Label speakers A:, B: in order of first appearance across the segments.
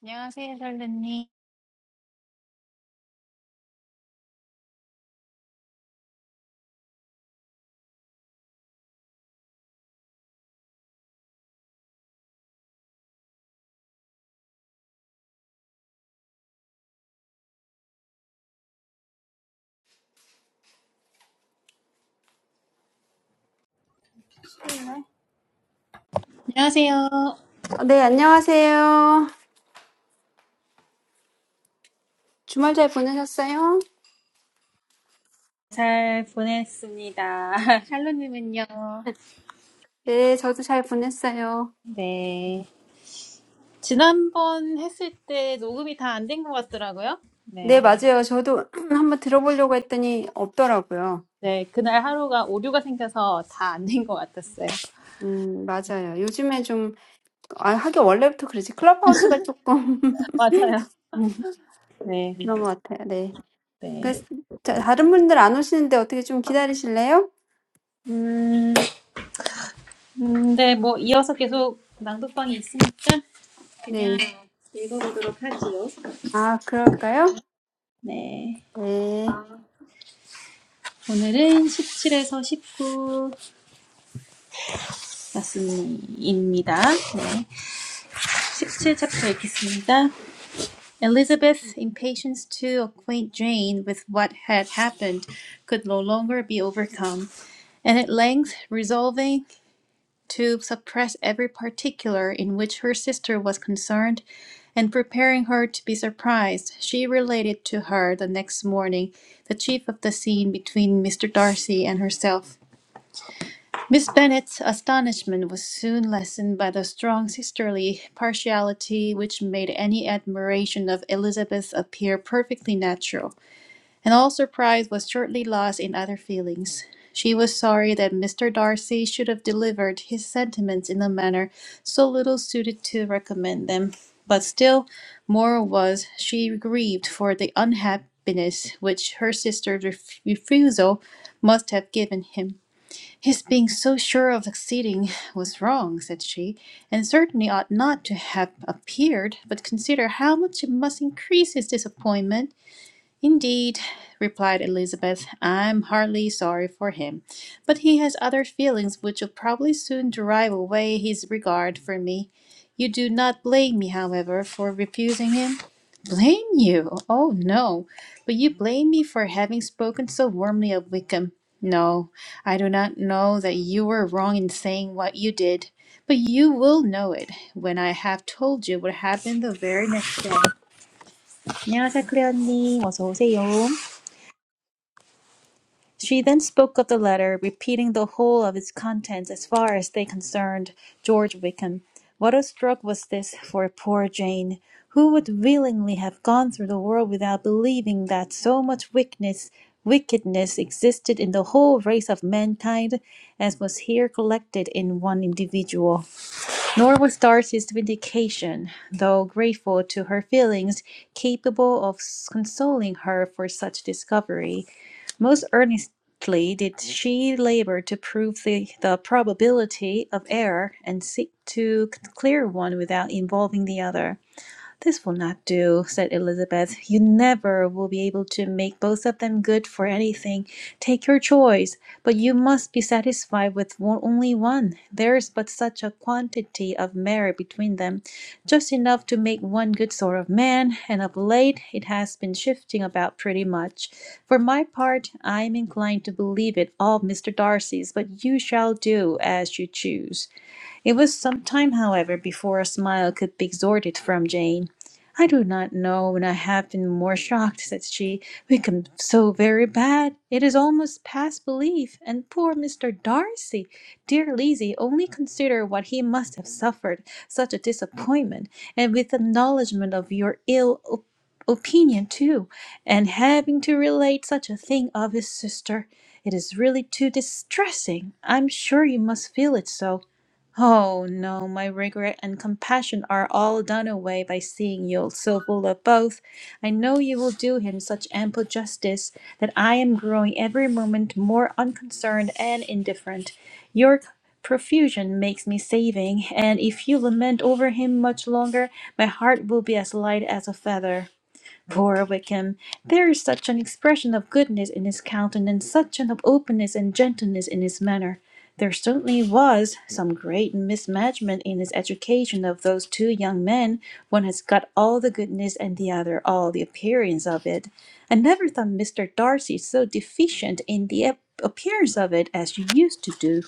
A: 안녕하세요, 샬루님. 안녕하세요.
B: 어, 네, 안녕하세요. 주말 잘 보내셨어요?
A: 잘 보냈습니다. 샬로님은요?
B: 네, 저도 잘 보냈어요.
A: 네. 지난번 했을 때 녹음이 다 안 된 것 같더라고요. 네.
B: 네, 맞아요. 저도 한번 들어보려고 했더니 없더라고요.
A: 네. 그날 하루가 오류가 생겨서 다 안 된 것 같았어요.
B: 음, 맞아요. 요즘에 좀, 아, 하긴 원래부터 그러지. 클럽하우스가 조금
A: 맞아요. 네.
B: 그런 것 같아요. 네. 그,
A: 네.
B: 자, 다른 분들 안 오시는데 어떻게 좀 기다리실래요?
A: 음, 근데 뭐 이어서 계속 낭독방이 있으니까 그냥
B: 네.
A: 읽어보도록 하지요.
B: 아, 그럴까요?
A: 네.
B: 네.
A: 오늘은 17에서 19 말씀입니다. 네. 17 챕터 읽겠습니다. Elizabeth's impatience to acquaint Jane with what had happened could no longer be overcome, and at length resolving to suppress every particular in which her sister was concerned, and preparing her to be surprised, she related to her the next morning the chief of the scene between Mr. Darcy and herself. Miss Bennet's astonishment was soon lessened by the strong sisterly partiality which made any admiration of Elizabeth appear perfectly natural, and all surprise was shortly lost in other feelings. She was sorry that Mr. Darcy should have delivered his sentiments in a manner so little suited to recommend them, but still more was she grieved for the unhappiness which her sister's ref- refusal must have given him. His being so sure of succeeding was wrong, said she, and certainly ought not to have appeared, but consider how much it must increase his disappointment. Indeed, replied Elizabeth, I'm heartily sorry for him, but he has other feelings which will probably soon drive away his regard for me. You do not blame me, however, for refusing him? Blame you? Oh no, but you blame me for having spoken so warmly of Wickham. No, I do not know that you were wrong in saying what you did, but you will know it when I have told you what happened the very next day. 안녕하세요, 클레어님. 어서 오세요. She then spoke of the letter, repeating the whole of its contents as far as they concerned George Wickham. What a stroke was this for poor Jane, who would willingly have gone through the world without believing that so much wickedness, wickedness existed in the whole race of mankind as was here collected in one individual. Nor was Darcy's vindication, though grateful to her feelings, capable of consoling her for such discovery. Most earnestly did she labor to prove the, the probability of error, and seek to clear one without involving the other. This will not do, said Elizabeth. You never will be able to make both of them good for anything. Take your choice, but you must be satisfied with only one. There is but such a quantity of merit between them, just enough to make one good sort of man, and of late it has been shifting about pretty much. For my part, I am inclined to believe it all Mr. Darcy's, but you shall do as you choose. It was some time, however, before a smile could be extorted from Jane. "I do not know when I have been more shocked," said she. "We come so very bad. It is almost past belief. And poor Mr. Darcy! Dear Lizzie, only consider what he must have suffered. Such a disappointment, and with acknowledgment of your ill op- opinion too, and having to relate such a thing of his sister. It is really too distressing. I'm sure you must feel it so. Oh no, my regret and compassion are all done away by seeing you so full of both. I know you will do him such ample justice that I am growing every moment more unconcerned and indifferent. Your profusion makes me saving, and if you lament over him much longer, my heart will be as light as a feather. Or we there is such an expression of goodness in his countenance, such an openness and gentleness in his manner. There certainly was some great mismanagement in his education of those two young men. One has got all the goodness and the other all the appearance of it. I never thought Mr. Darcy so deficient in the ap- appearance of it as you used to do.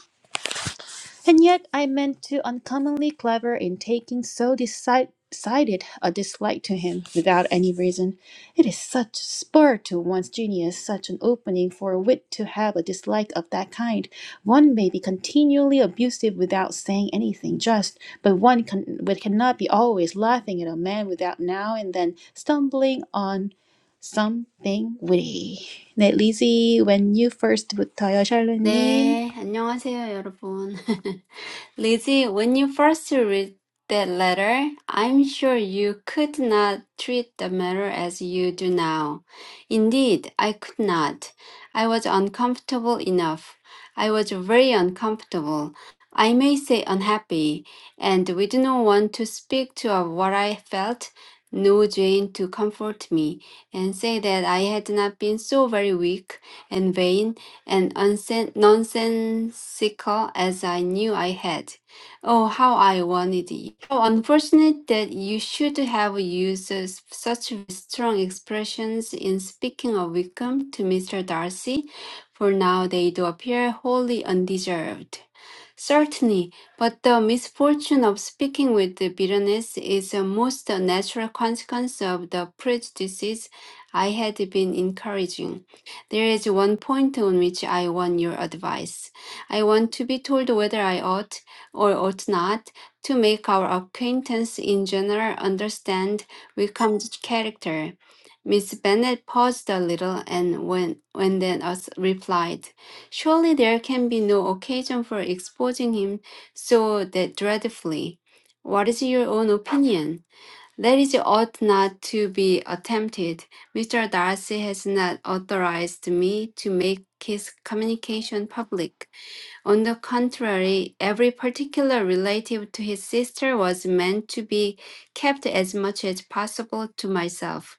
A: And yet I meant to uncommonly clever in taking so deci- decided a dislike to him without any reason. It is such a spur to one's genius, such an opening for wit to have a dislike of that kind. One may be continually abusive without saying anything just, but one can, but cannot be always laughing at a man without now and then stumbling on something witty. 네, 리지, when you first 부터요, 샬롯님.
B: 네, 안녕하세요, 여러분. Lizzie, when you first read that letter, I'm sure you could not treat the matter as you do now. Indeed, I could not. I was uncomfortable enough. I was very uncomfortable. I may say unhappy, and we do not want to speak to of what I felt. No Jane to comfort me and say that I had not been so very weak and vain and unsen- nonsensical as I knew I had. Oh, how I wanted you. How unfortunate that you should have used s- such strong expressions in speaking of Wickham to Mr. Darcy, for now they do appear wholly undeserved. Certainly, but the misfortune of speaking with the bitterness is a most natural consequence of the prejudices I had been encouraging. There is one point on which I want your advice. I want to be told whether I ought or ought not to make our acquaintance in general understand Wickham's character. Miss Bennet paused a little and when, when then us replied, Surely there can be no occasion for exposing him so that dreadfully. What is your own opinion? That ought not to be attempted. Mr. Darcy has not authorized me to make his communication public. On the contrary, every particular relative to his sister was meant to be kept as much as possible to myself.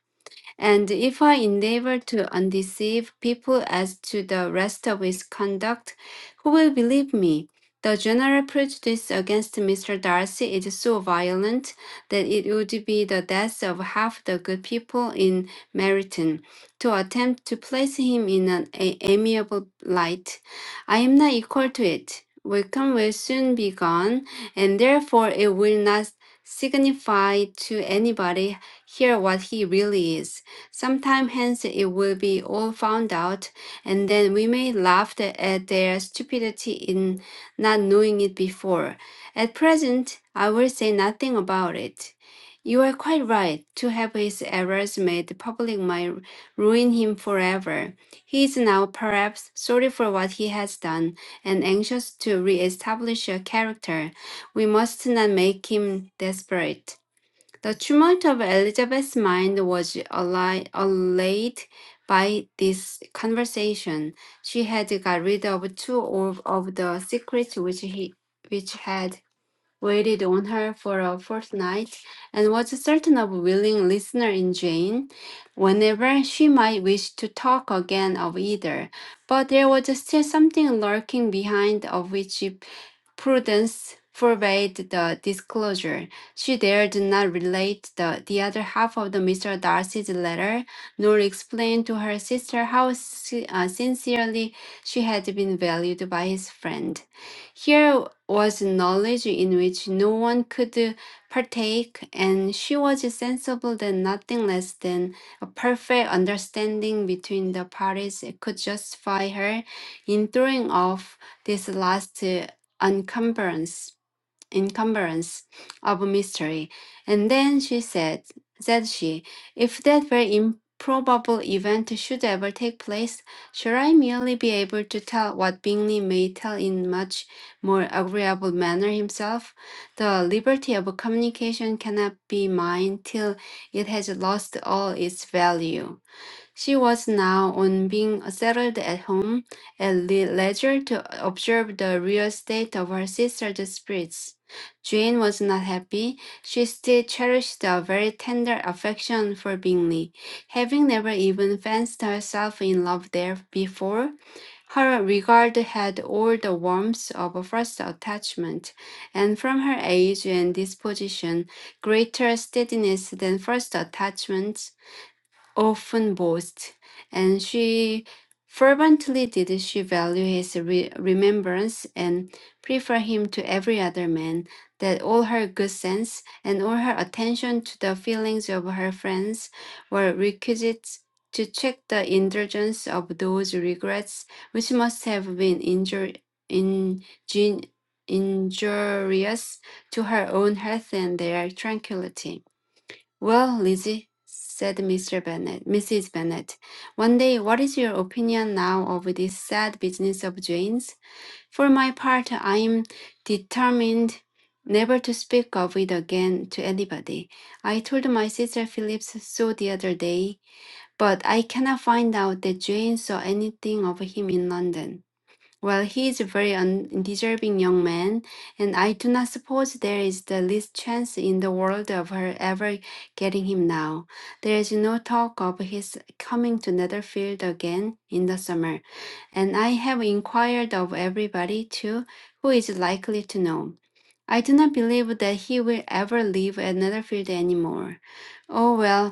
B: And if I endeavor to undeceive people as to the rest of his conduct, who will believe me? The general prejudice against Mr. Darcy is so violent that it would be the death of half the good people in Meryton to attempt to place him in an a- amiable light. I am not equal to it. Wickham will soon be gone, and therefore it will not signify to anybody here what he really is. Some time hence it will be all found out, and then we may laugh at their stupidity in not knowing it before. At present, I will say nothing about it. You are quite right. To have his errors made public might ruin him forever. He is now perhaps sorry for what he has done and anxious to re establish a character. We must not make him desperate. The tumult of Elizabeth's mind was alli- allayed by this conversation. She had got rid of two of, of the secrets which he which had waited on her for a fortnight, and was certain of a willing listener in Jane, whenever she might wish to talk again of either. But there was still something lurking behind of which prudence forbade the disclosure. She dared not relate the, the other half of the Mr. Darcy's letter, nor explain to her sister how si- uh, sincerely she had been valued by his friend. Here was knowledge in which no one could partake, and she was sensible that nothing less than a perfect understanding between the parties could justify her in throwing off this last encumbrance encumbrance of mystery. And then she said, said she, if that very improbable event should ever take place, should I merely be able to tell what Bingley may tell in much more agreeable manner himself? The liberty of communication cannot be mine till it has lost all its value. She was now, on being settled at home, at le- leisure to observe the real state of her sister's spirits. Jane was not happy. She still cherished a very tender affection for Bingley. Having never even fancied herself in love there before, her regard had all the warmth of a first attachment, and from her age and disposition, greater steadiness than first attachments often boasts, and she fervently did she value his re- remembrance and prefer him to every other man, that all her good sense and all her attention to the feelings of her friends were requisites to check the indulgence of those regrets which must have been injur- injun- injurious to her own health and their tranquility. Well, Lizzie, said Mr. Bennet, Mrs. Bennet, one day, what is your opinion now of this sad business of Jane's? For my part, I am determined never to speak of it again to anybody. I told my sister Phillips so the other day, but I cannot find out that Jane saw anything of him in London. Well, he is a very undeserving young man, and I do not suppose there is the least chance in the world of her ever getting him now. There is no talk of his coming to Netherfield again in the summer, and I have inquired of everybody, too, who is likely to know. I do not believe that he will ever leave at Netherfield any more. Oh, well,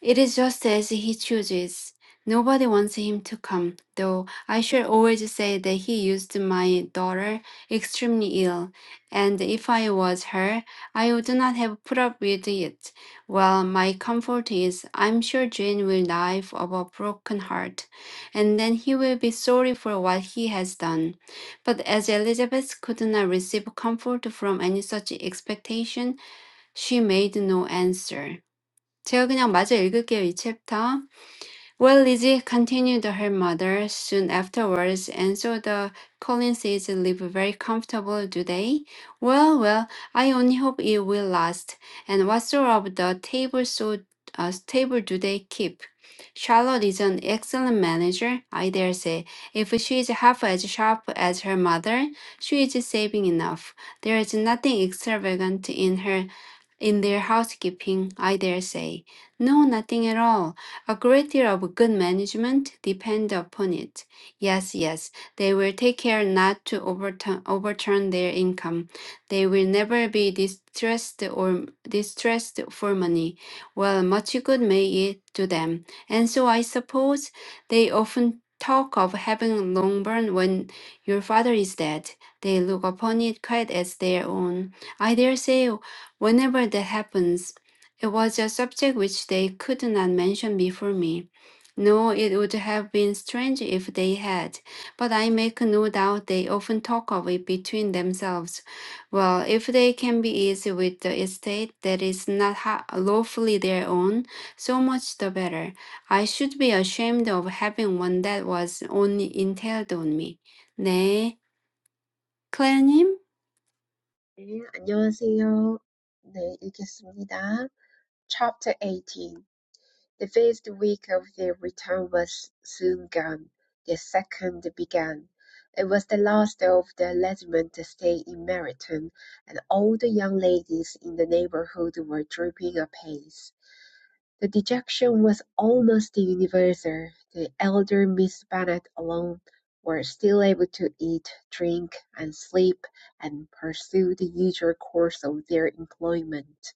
B: it is just as he chooses. Nobody wants him to come, though I shall always say that he used my daughter extremely ill, and if I was her, I would not have put up with it. Well, my comfort is, I'm sure Jane will die of a broken heart, and then he will be sorry for what he has done. But as Elizabeth could not receive comfort from any such expectation, she made no answer. 제가 그냥 마저 읽을게요, 이 챕터. Well, Lizzie continued her mother soon afterwards, and so the Collinses live very comfortable, do they? Well, well, I only hope it will last. And what sort of the table so uh, table do they keep? Charlotte is an excellent manager, I dare say. If she is half as sharp as her mother, she is saving enough. There is nothing extravagant in her in their housekeeping, I dare say. No, nothing at all. A great deal of good management depend upon it. Yes, yes, they will take care not to overturn, overturn their income. They will never be distressed or distressed for money. Well, much good may it do them. And so I suppose they often talk of having Longbourn when your father is dead. They look upon it quite as their own. I dare say Whenever that happens, it was a subject which they could not mention before me. No, it would have been strange if they had, but I make no doubt they often talk of it between themselves. Well, if they can be easy with the estate that is not ha- lawfully their own, so much the better. I should be ashamed of having one that was only entailed on me. 네, 클레어님?
C: 네, 안녕하세요. 네, 읽겠습니다. Chapter 18 The first week of their return was soon gone. The second began. It was the last of the regiment to stay in Meryton, and all the young ladies in the neighborhood were drooping apace. The dejection was almost universal; the elder Miss Bennet alone were still able to eat, drink, and sleep, and pursue the usual course of their employment.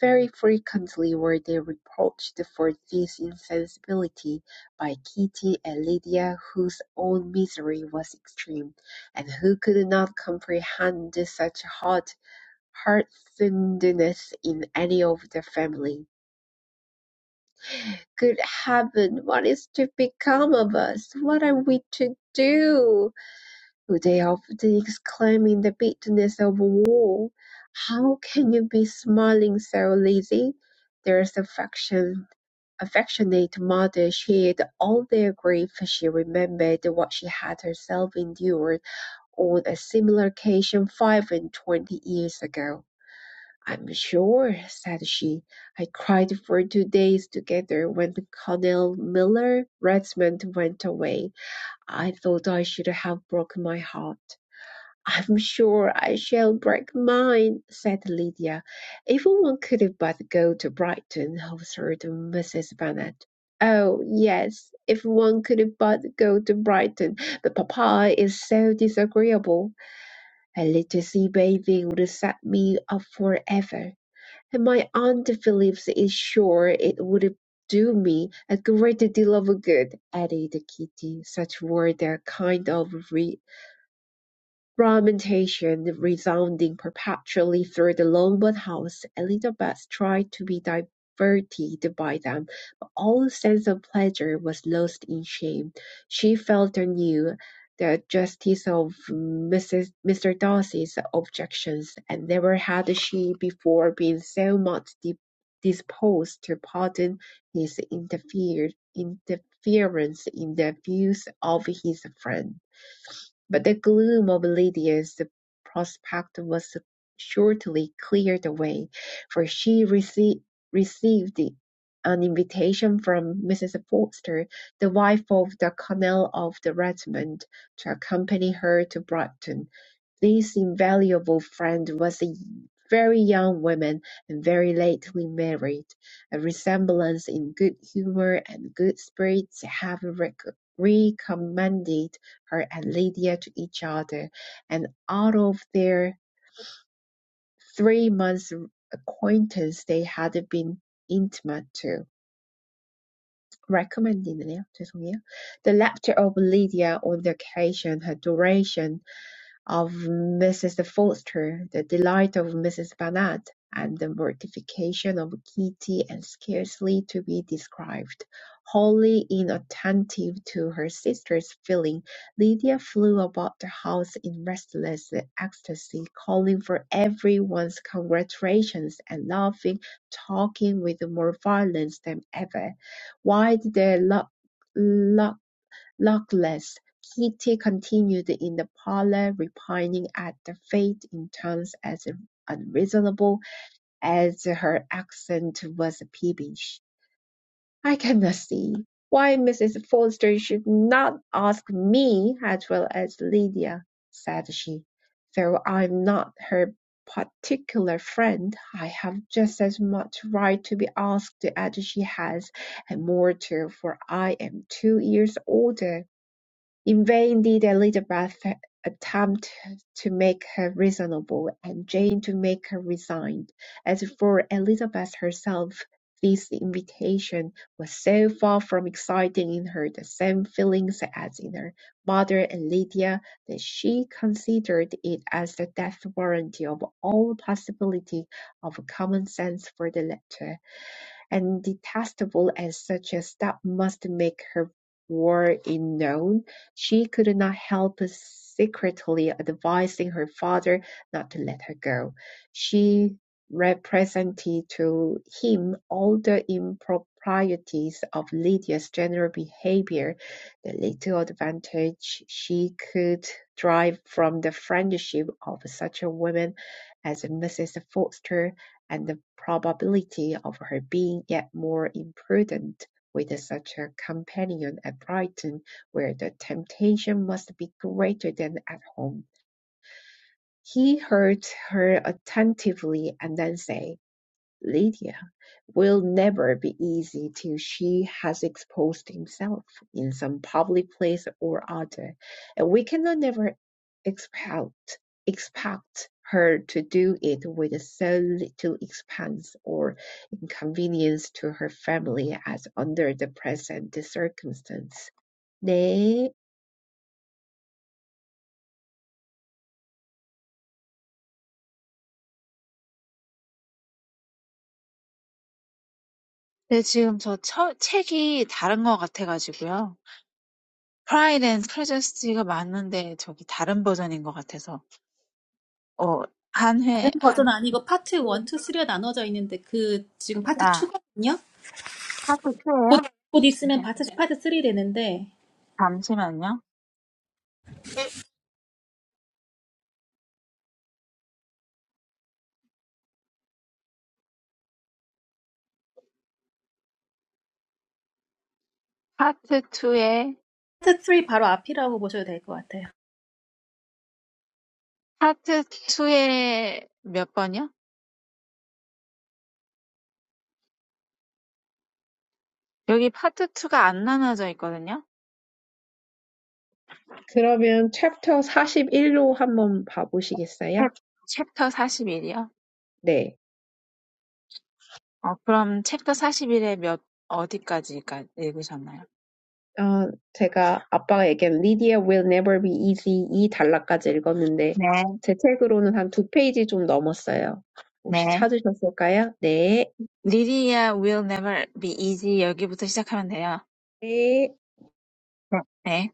C: Very frequently were they reproached for this insensibility by Kitty and Lydia, whose own misery was extreme, and who could not comprehend such hard heartedness in any of the family. Good heaven, what is to become of us? What are we to do? Oh, they often exclaim in the bitterness of war. How can you be smiling so, Lizzie? There's affection affectionate mother shared all their grief. She remembered what she had herself endured on a similar occasion five and twenty years ago. I'm sure, said she. I cried for two days together when Colonel Miller Redmond went away. I thought I should have broken my heart. I'm sure I shall break mine, said Lydia. If one could but go to Brighton, observed Mrs. Bennet. Oh, yes, if one could but go to Brighton, but papa is so disagreeable. A little sea bathing would set me up for ever." And my aunt Phillips is sure it would do me a great deal of good," added Kitty. Such were the kind of reasons. Lamentation resounding perpetually through the Longbourn house, Elizabeth tried to be diverted by them, but all sense of pleasure was lost in shame. She felt anew the justice of Mrs. Mr. Darcy's objections, and never had she before been so much di- disposed to pardon his interference in the views of his friend. But the gloom of Lydia's prospect was shortly cleared away, for she rece- received an invitation from Mrs. Forster, the wife of the colonel of the regiment, to accompany her to Brighton. This invaluable friend was a very young woman and very lately married, a resemblance in good humour and good spirits have rec- recommended her and Lydia to each other, and out of their three months' acquaintance they had been intimate too. Recommended, 죄송해요. The laughter of Lydia on the occasion, her duration of Mrs. Forster, the delight of Mrs. Bennet, and the mortification of Kitty, and scarcely to be described. Wholly inattentive to her sister's feeling, Lydia flew about the house in restless ecstasy, calling for every one's congratulations, and laughing, talking with more violence than ever. Why did they lock Luckless, Kitty continued in the parlour, repining at her fate in tones as unreasonable as her accent was peevish. "I cannot see why Mrs. Forster should not ask me as well as Lydia," said she. "Though I'm not her particular friend, I have just as much right to be asked as she has, and more too, for I am two years older. In vain did Elizabeth attempt to make her reasonable, and Jane to make her resigned. As for Elizabeth herself, this invitation was so far from exciting in her the same feelings as in her mother and Lydia, that she considered it as the death warrant of all possibility of common sense for the latter and detestable as such a step must make her war in known, she could not help secretly advising her father not to let her go. She represented to him all the improprieties of Lydia's general behaviour, the little advantage she could derive from the friendship of such a woman as Mrs. Forster, and the probability of her being yet more imprudent with such a companion at Brighton, where the temptation must be greater than at home. He heard her attentively, and then said, Lydia will never be easy till she has exposed himself in some public place or other, and we cannot never expect expect her to do it with so little expense or inconvenience to her family as under the present circumstance. 네,
D: 네, 지금 저 처, 책이 다른 것 같아가지고요. Pride and Prejudice가 맞는데 저기 다른 버전인 것 같아서 어, 한
A: 다른
D: 회,
A: 버전
D: 한,
A: 아니고 파트 1, 2,
D: 회.
A: 3가 나눠져 있는데 그 지금 파트
D: 아,
A: 2거든요.
D: 파트
A: 곧,
D: 2예요?
A: 곧 있으면
D: 잠시,
A: 파트 파트 3 되는데
D: 잠시만요. 네. 파트 2에
A: 파트 3 바로 앞이라고 보셔도 될 것 같아요.
D: 파트 2에 몇 번이요? 여기 파트 2가 안 나눠져 있거든요.
C: 그러면 챕터 사십일로 한번
D: 챕,
C: 봐보시겠어요?
D: 챕터 41이요.
C: 네.
D: 어, 그럼 챕터 41에 몇, 어디까지 읽으셨나요?
C: 어 제가 아빠가 얘기한 Lydia will never be easy 이 단락까지 읽었는데
D: 네.
C: 제 책으로는 한 두 페이지 좀 넘었어요. 혹시
D: 네.
C: 찾으셨을까요? 네.
D: Lydia will never be easy. 여기부터 시작하면 돼요.
C: 네.
D: 응. 네.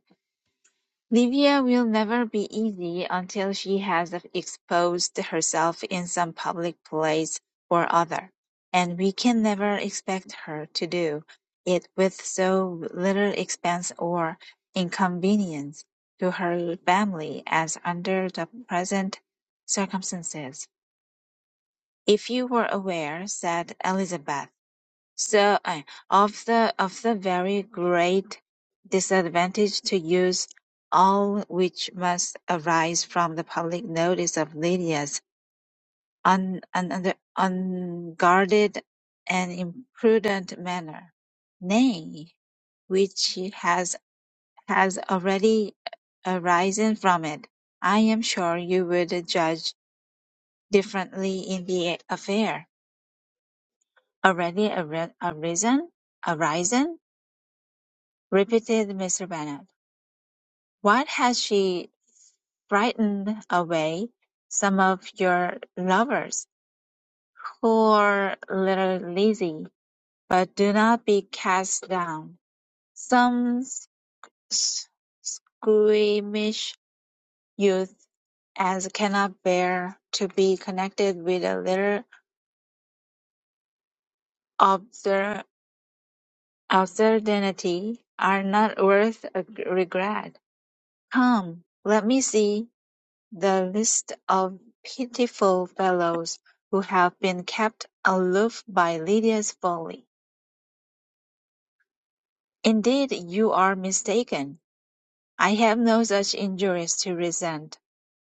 D: Livia will never be easy until she has exposed herself in some public place or other, and we can never expect her to do it with so little expense or inconvenience to her family as under the present circumstances. If you were aware, said Elizabeth. So, uh, of the of the very great disadvantage to use all which must arise from the public notice of Lydia's un, un, un, unguarded and imprudent manner, nay, which has has already arisen from it, I am sure you would judge differently in the affair already ar- arisen, arisen. repeated Mr. Bennet. "What has she frightened away some of your lovers, who poor little lazy, But do not be cast down. Some s- squeamish youth as cannot bear to be connected with a little obscur- obscenity are not worth a g- regret. Come, let me see. The list of pitiful fellows who have been kept aloof by Lydia's folly. Indeed, you are mistaken. I have no such injuries to resent.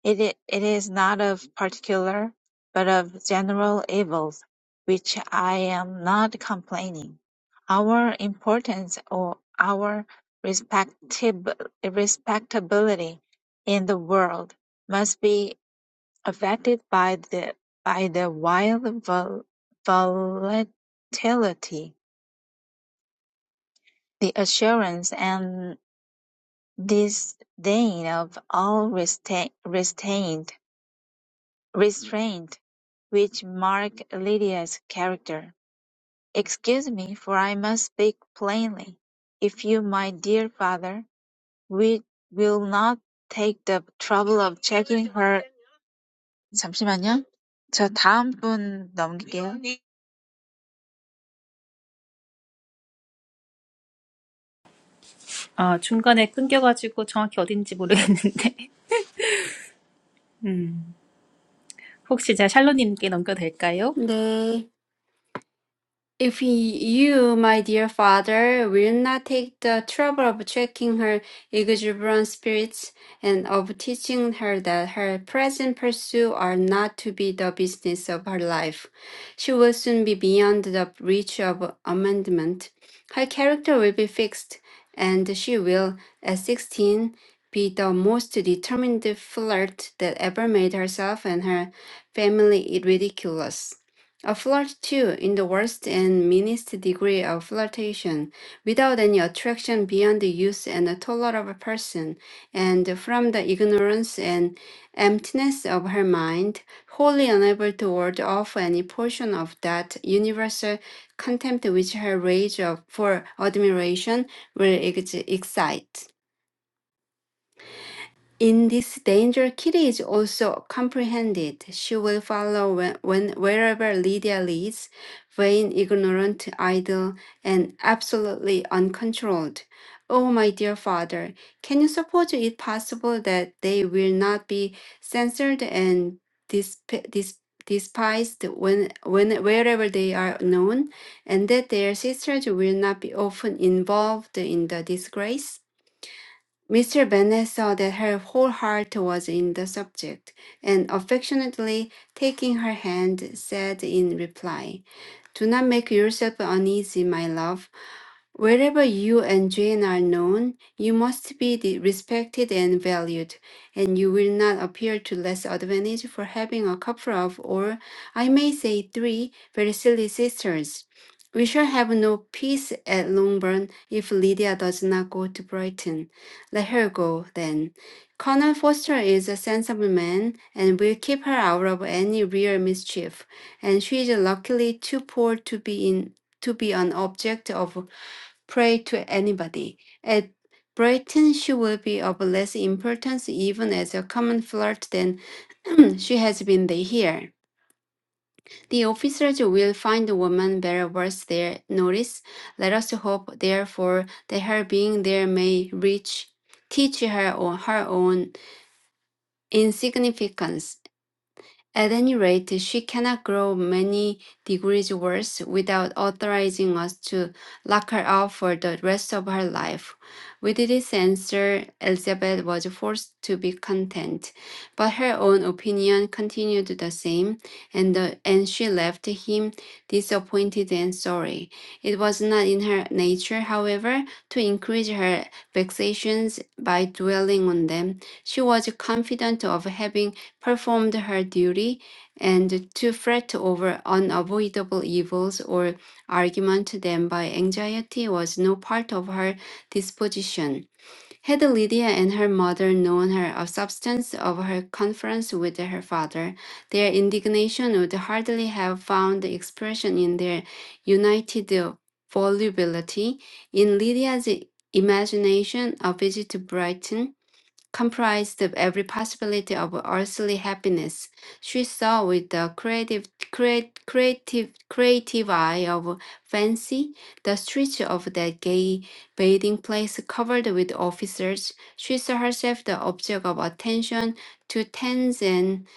D: It, i- it is not of particular, but of general evils, which I am not complaining. Our importance or our respectib- respectability in the world must be affected by the by the wild vol- volatility, the assurance and disdain of all resta- restraint, restraint which mark Lydia's character. Excuse me, for I must speak plainly. If you, my dear father, we will not take the trouble of checking her. 잠시만요. 저 다음 분 넘길게요.
A: 아, 중간에 끊겨가지고 정확히 어딘지 모르겠는데 혹시 제가 샬로님께 넘겨도 될까요?
B: 네. If you, my dear father, will not take the trouble of checking her exuberant spirits and of teaching her that her present pursuits are not to be the business of her life, she will soon be beyond the reach of amendment. Her character will be fixed, and she will, at sixteen, be the most determined flirt that ever made herself and her family ridiculous. A flirt too, in the worst and meanest degree of flirtation, without any attraction beyond the use and the tolerance of a person, and from the ignorance and emptiness of her mind, wholly unable to ward off any portion of that universal contempt which her rage of, for admiration will ex- excite. In this danger, Kitty is also comprehended. She will follow when, when wherever Lydia leads, vain, ignorant, idle, and absolutely uncontrolled. Oh, my dear father, can you suppose it possible that they will not be censored and disp- dis- despised when, when wherever they are known, and that their sisters will not be often involved in the disgrace? Mr. Bennet saw that her whole heart was in the subject, and affectionately taking her hand, said in reply, Do not make yourself uneasy, my love. Wherever you and Jane are known, you must be de- respected and valued, and you will not appear to less advantage for having a couple of, or I may say three, very silly sisters. We shall have no peace at Longbourn if Lydia does not go to Brighton. Let her go, then. Colonel Foster is a sensible man and will keep her out of any real mischief, and she is luckily too poor to be in to be an object of prey to anybody. At Brighton, she will be of less importance even as a common flirt than she has been there here. The officers will find the woman very worth their notice. Let us hope, therefore, that her being there may reach teach her on her own insignificance At any rate, she cannot grow many degrees worse without authorizing us to lock her up for the rest of her life. With this answer, Elizabeth was forced to be content, but her own opinion continued the same, and, the, and she left him disappointed and sorry. It was not in her nature, however, to increase her vexations by dwelling on them. She was confident of having performed her duty, and to fret over unavoidable evils or argument them by anxiety was no part of her disposition. Had Lydia and her mother known her of substance of her conference with her father, their indignation would hardly have found expression in their united volubility. In Lydia's imagination, a visit to Brighton comprised of every possibility of earthly happiness. She saw with the creative, create, creative, creative eye of fancy the streets of that gay bathing place covered with officers. She saw herself the object of attention to tens and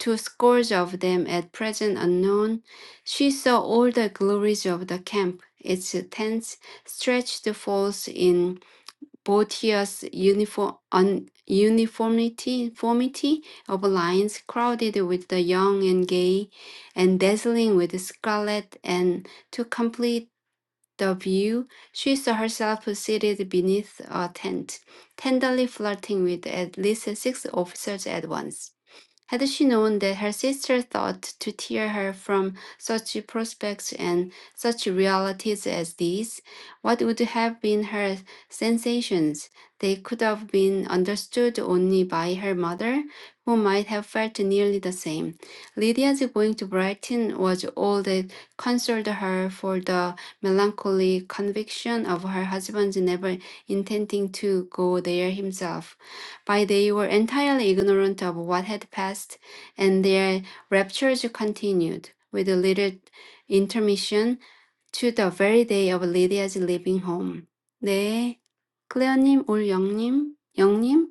B: to scores of them at present unknown. She saw all the glories of the camp. Its tents stretched forth in Boetius' uniform, un, uniformity formity of lines crowded with the young and gay and dazzling with scarlet and to complete the view she saw herself seated beneath a tent tenderly flirting with at least six officers at once had she known that her sister thought to tear her from such prospects and such realities as these, what would have been her sensations? They could have been understood only by her mother, who might have felt nearly the same. Lydia's going to Brighton was all that consoled her for the melancholy conviction of her husband's never intending to go there himself. By they were entirely ignorant of what had passed, and their raptures continued, with little intermission, to the very day of Lydia's leaving home. 네, 클레어님, 올 영님, 영님.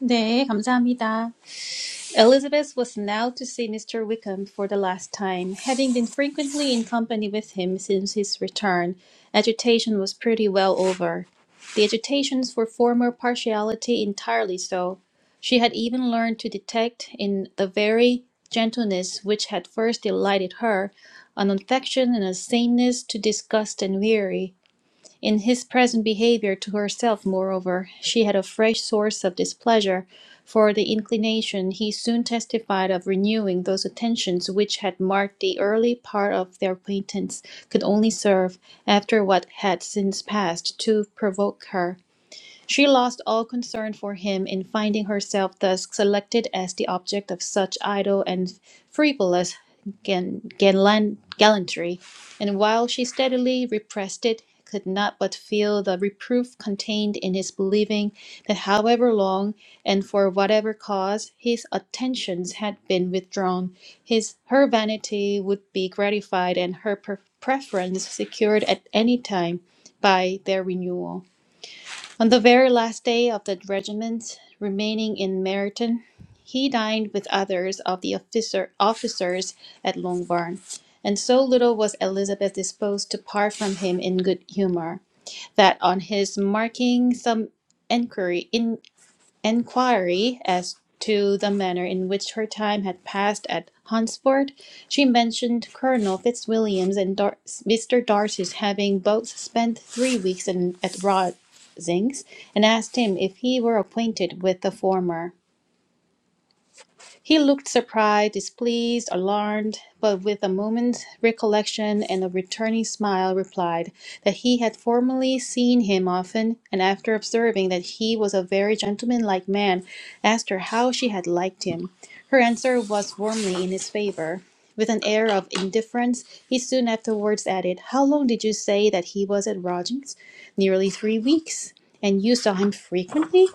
A: 네, 감사합니다. Elizabeth was now to see Mr. Wickham for the last time. Having been frequently in company with him since his return, agitation was pretty well over. The agitations for former partiality entirely so. She had even learned to detect in the very gentleness which had first delighted her, an affection and a sameness to disgust and weary. In his present behaviour to herself, moreover, she had a fresh source of displeasure for the inclination he soon testified of renewing those attentions which had marked the early part of their acquaintance could only serve, after what had since passed, to provoke her. She lost all concern for him in finding herself thus selected as the object of such idle and frivolous gan- gallan- gallantry, and while she steadily repressed it, could not but feel the reproof contained in his believing that however long and for whatever cause his attentions had been withdrawn, his her vanity would be gratified and her pre- preference secured at any time by their renewal. On the very last day of the regiment, remaining in Meryton, he dined with others of the officer, officers at Longbourn, and so little was Elizabeth disposed to part from him in good humour, that on his marking some inquiry, in, inquiry as to the manner in which her time had passed at Hunsford, she mentioned Colonel Fitzwilliams and Dar- Mr. Darcy's having both spent three weeks in, at Rosings, and asked him if he were acquainted with the former. He looked surprised, displeased, alarmed, but with a moment's recollection and a returning smile replied, that he had formerly seen him often, and after observing that he was a very gentlemanlike man, asked her how she had liked him. Her answer was warmly in his favour. With an air of indifference, he soon afterwards added, How long did you say that he was at lodgings? Nearly three weeks. And you saw him frequently?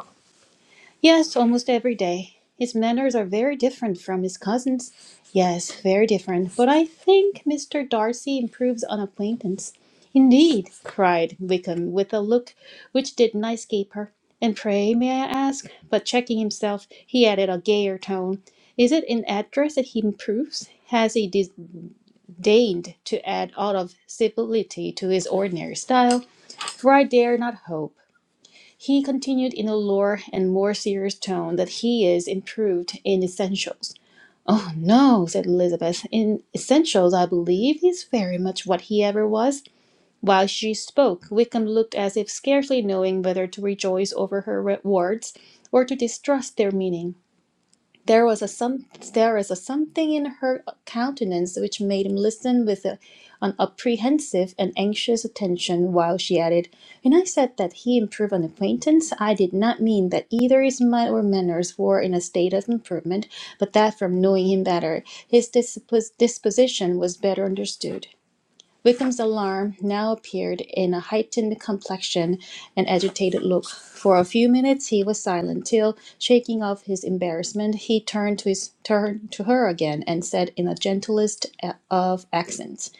A: Yes, almost every day. His manners are very different from his cousin's. Yes, very different. But I think Mr. Darcy improves on acquaintance. Indeed, cried Wickham with a look which did not escape her. And pray, may I ask? But checking himself, he added a gayer tone. Is it in address that he improves? Has he disdained to add aught of civility to his ordinary style? For I dare not hope. He continued in a lower and more serious tone that he is improved in essentials. Oh no, said Elizabeth. In essentials, I believe he's very much what he ever was. While she spoke, Wickham looked as if scarcely knowing whether to rejoice over her words or to distrust their meaning. There was a some there is a something in her countenance which made him listen with a, an apprehensive and anxious attention while she added, When I said that he improved on acquaintance, I did not mean that either his mind or manners were in a state of improvement, but that from knowing him better, his dispos- disposition was better understood. Wickham's alarm now appeared in a heightened complexion and agitated look. For a few minutes he was silent, till, shaking off his embarrassment, he turned to his turn to her again, and said in the gentlest eh, of accents.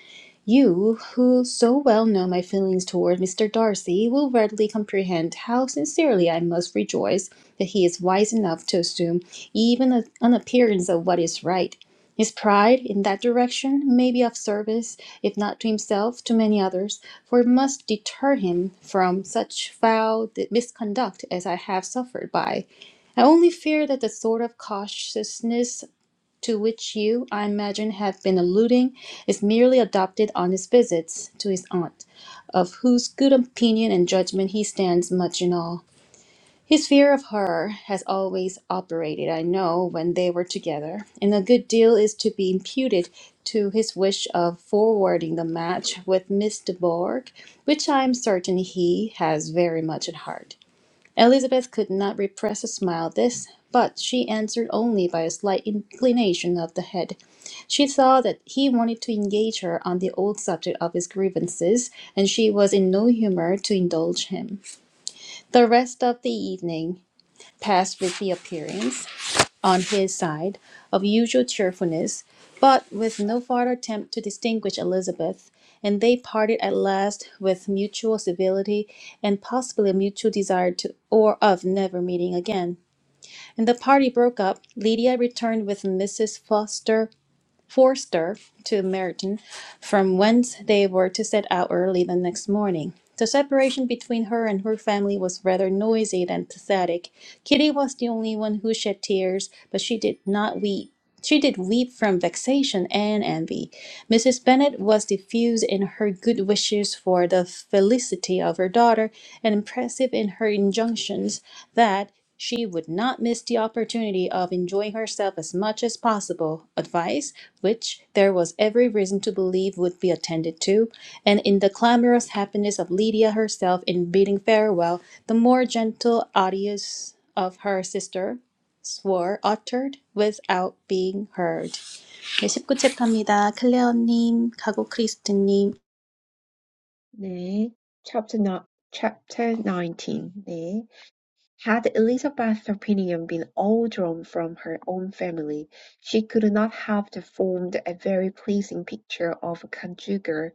A: You, who so well know my feelings toward Mr. Darcy, will readily comprehend how sincerely I must rejoice that he is wise enough to assume even a, an appearance of what is right. His pride in that direction may be of service, if not to himself, to many others, for it must deter him from such foul misconduct as I have suffered by. I only fear that the sort of cautiousness to which you, I imagine, have been alluding, is merely adopted on his visits to his aunt, of whose good opinion and judgment he stands much in awe. His fear of her has always operated, I know, when they were together, and a good deal is to be imputed to his wish of forwarding the match with Miss de Bourgh, which I am certain he has very much at heart. Elizabeth could not repress a smile at this, but she answered only by a slight inclination of the head. She saw that he wanted to engage her on the old subject of his grievances, and she was in no humour to indulge him. The rest of the evening passed with the appearance on his side of usual cheerfulness, but with no farther attempt to distinguish Elizabeth, and they parted at last with mutual civility and possibly a mutual desire to or of never meeting again. And the party broke up. Lydia returned with Mrs. Foster Forster to Meryton, from whence they were to set out early the next morning. The separation between her and her family was rather noisy than pathetic. Kitty was the only one who shed tears, but she did not weep. She did weep from vexation and envy. Mrs. Bennet was diffuse in her good wishes for the felicity of her daughter, and impressive in her injunctions that she would not miss the opportunity of enjoying herself as much as possible, advice which there was every reason to believe would be attended to, and in the clamorous happiness of Lydia herself in bidding farewell, the more gentle adieux of her sister swore uttered without being heard. 네, 19챕터입니다. 클레어님, 가고 크리스트님,
C: 네. Chapter, no, chapter 19. 네. Had Elizabeth's opinion been all drawn from her own family, she could not have formed a very pleasing picture of a conjugal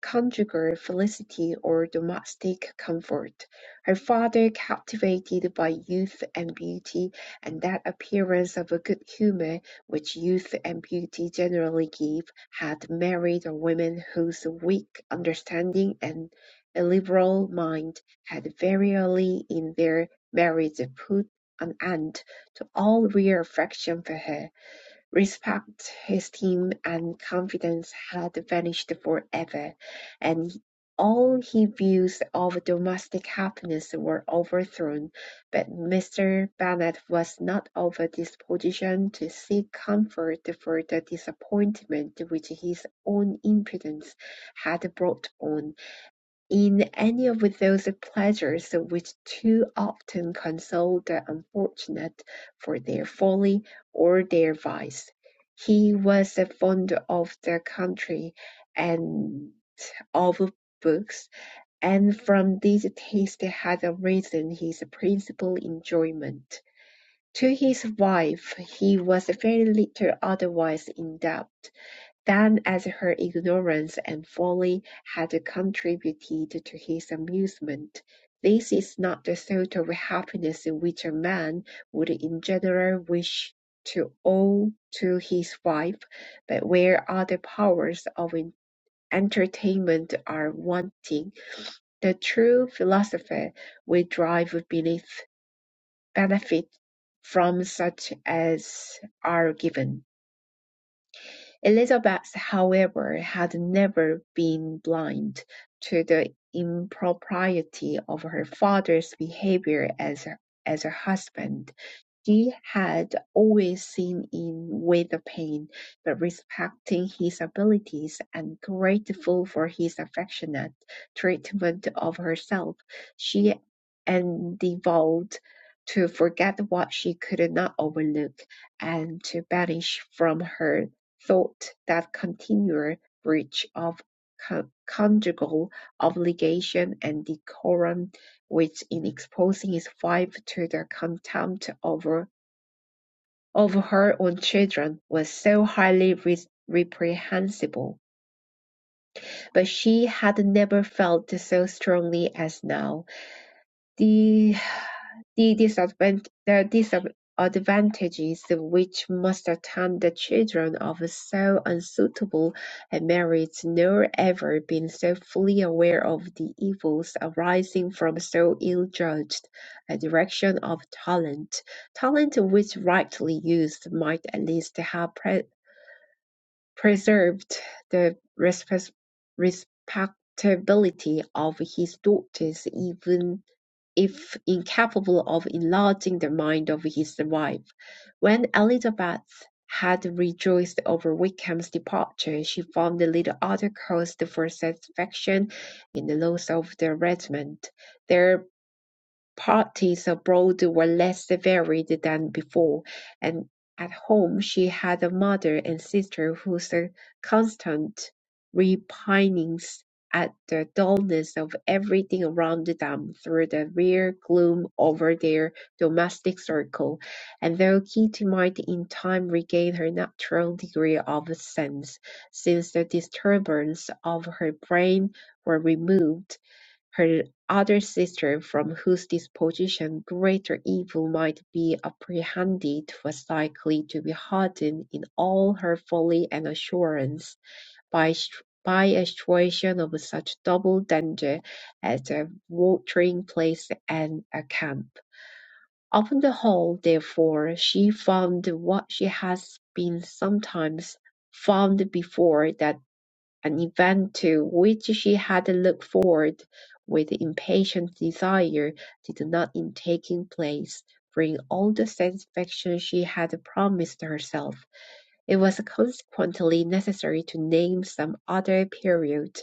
C: Conjugal felicity or domestic comfort, her father captivated by youth and beauty, and that appearance of a good humour which youth and beauty generally give, had married a woman whose weak understanding and illiberal mind had very early in their marriage put an end to all real affection for her. Respect, esteem, and confidence had vanished forever, and all his views of domestic happiness were overthrown. But Mr. Bennet was not of a disposition to seek comfort for the disappointment which his own imprudence had brought on in any of those pleasures which too often console the unfortunate for their folly or their vice. He was fond of the country and of books, and from these tastes had arisen his principal enjoyment. To his wife he was very little otherwise endowed. Than as her ignorance and folly had contributed to his amusement, this is not the sort of happiness which a man would in general wish to owe to his wife, but where other powers of entertainment are wanting, the true philosopher will drive beneath benefit from such as are given. Elizabeth, however, had never been blind to the impropriety of her father's behaviour as as a husband. He had always seen in with the pain, but respecting his abilities and grateful for his affectionate treatment of herself, she endeavoured to forget what she could not overlook, and to banish from her thought that continual breach of co- conjugal obligation and decorum which in exposing his wife to the contempt of of her own children was so highly re- reprehensible, but she had never felt so strongly as now the the disadvant- the disadvantages which must attend the children of so unsuitable a marriage nor ever been so fully aware of the evils arising from so ill-judged a direction of talent talent which rightly used might at least have pre- preserved the respectability of his daughters even if incapable of enlarging the mind of his wife. When Elizabeth had rejoiced over Wickham's departure, she found little other cause for satisfaction in the loss of the regiment. Their Parties abroad were less varied than before, and at home she had a mother and sister whose constant repinings at the dullness of everything around them threw a rare gloom over their domestic circle, and though Kitty might in time regain her natural degree of sense, since the disturbance of her brain were removed, her other sister, from whose disposition greater evil might be apprehended, was likely to be hardened in all her folly and assurance by by a situation of such double danger as a watering place and a camp. Upon the whole, therefore, she found what she has been sometimes found before, that an event to which she had looked forward with impatient desire did not in taking place bring all the satisfaction she had promised herself. It was consequently necessary to name some other period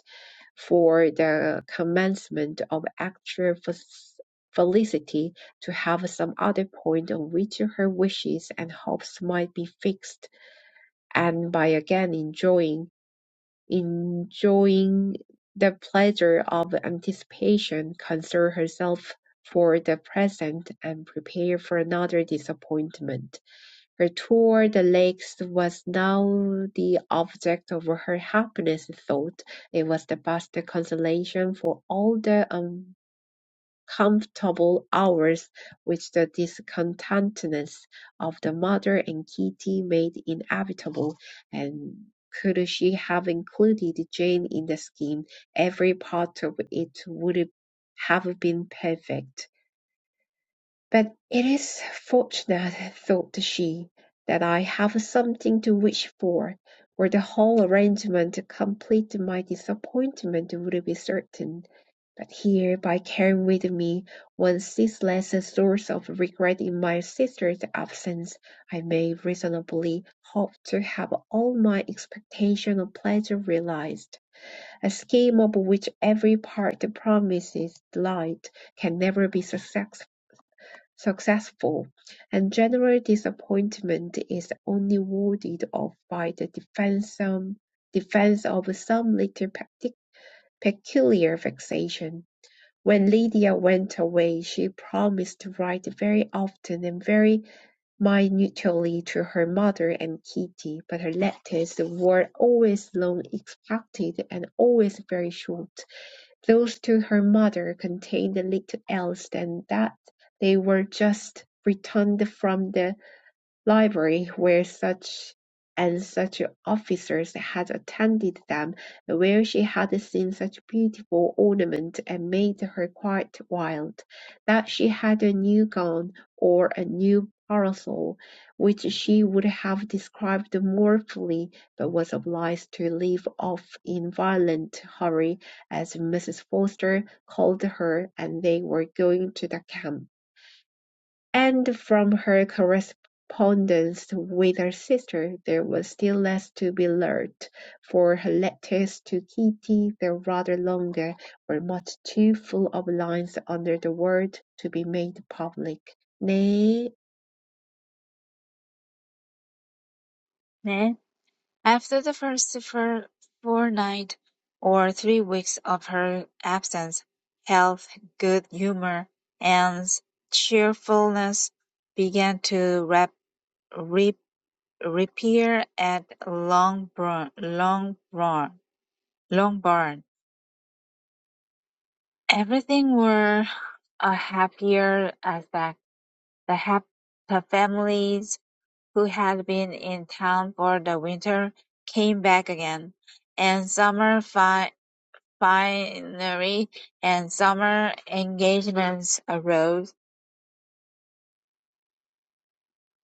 C: for the commencement of actual felicity, to have some other point on which her wishes and hopes might be fixed, and by again enjoying enjoying the pleasure of anticipation, console herself for the present, and prepare for another disappointment. Her tour the lakes was now the object of her happiness thought. It was the best consolation for all the um comfortable hours which the discontentness of the mother and Kitty made inevitable, and could she have included Jane in the scheme, every part of it would have been perfect. But it is fortunate, thought she, that I have something to wish for, or the whole arrangement, complete my disappointment, would be certain. But here, by carrying with me one ceaseless source of regret in my sister's absence, I may reasonably hope to have all my expectation of pleasure realized. A scheme of which every part promises delight can never be success- successful, and general disappointment is only warded off by the defense, um, defense of some little peculiar vexation. When Lydia went away, she promised to write very often and very minutely to her mother and Kitty, but her letters were always long expected and always very short. Those to her mother contained little else than that they were just returned from the Library where such and such officers had attended them, where she had seen such beautiful ornament and made her quite wild, that she had a new gown or a new parasol, which she would have described more fully, but was obliged to leave off in violent hurry, as Mrs. Forster called her, and they were going to the camp. And from her correspondence with her sister there was still less to be learnt, for her letters to Kitty, though rather longer, were much too full of lines under the word to be made public. 네,
D: 네. After the first four four nights or three weeks of her absence, health, good humour, and cheerfulness began to rap, rip, reappear at Longbourn. Longbourn. Longbourn. Everything wore a happier aspect. The hap- the families who had been in town for the winter came back again, and summer fi- Finery and summer engagements arose.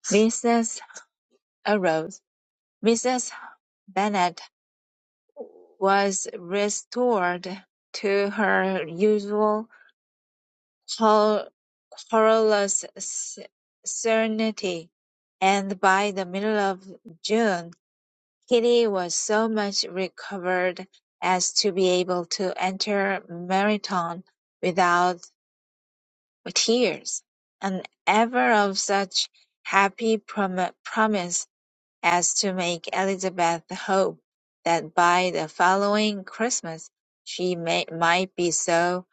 D: Mrs. arose. Mrs. Bennet was restored to her usual quer- querulous serenity, and by the middle of June, Kitty was so much recovered as to be able to enter Meryton without With tears, and ever of such happy prom- promise as to make Elizabeth hope that by the following Christmas she may, might be so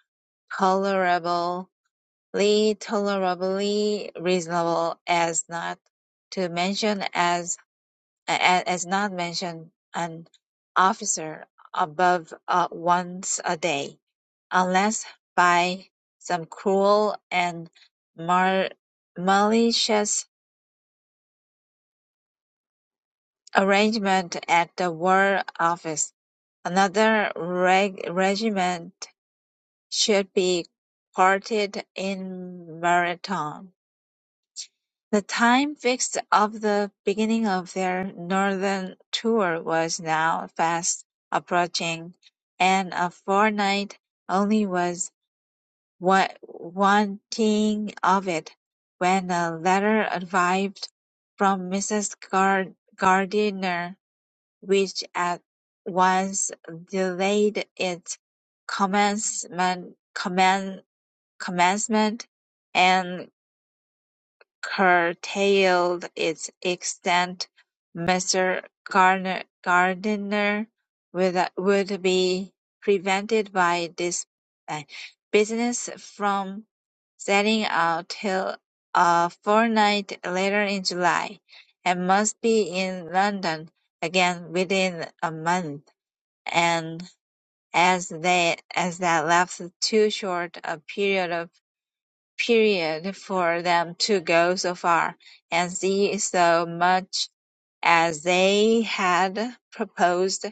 D: tolerably, tolerably reasonable as not to mention as a- as not mention an officer above uh, once a day unless by some cruel and mal- malicious arrangement at the War Office, another reg- regiment should be quartered in Marathon. The time fixed of the beginning of their northern tour was now fast approaching, and a fortnight only was wa- wanting of it, when a letter arrived from Mrs. Gar- Gardiner, which at once delayed its commencement, commen- commencement, and curtailed its extent, Mr. Gardiner would would be prevented by this uh, business from setting out till a fortnight later in July, and must be in London again within a month, and as they as that left too short a period period for them to go so far and see so much as they had proposed,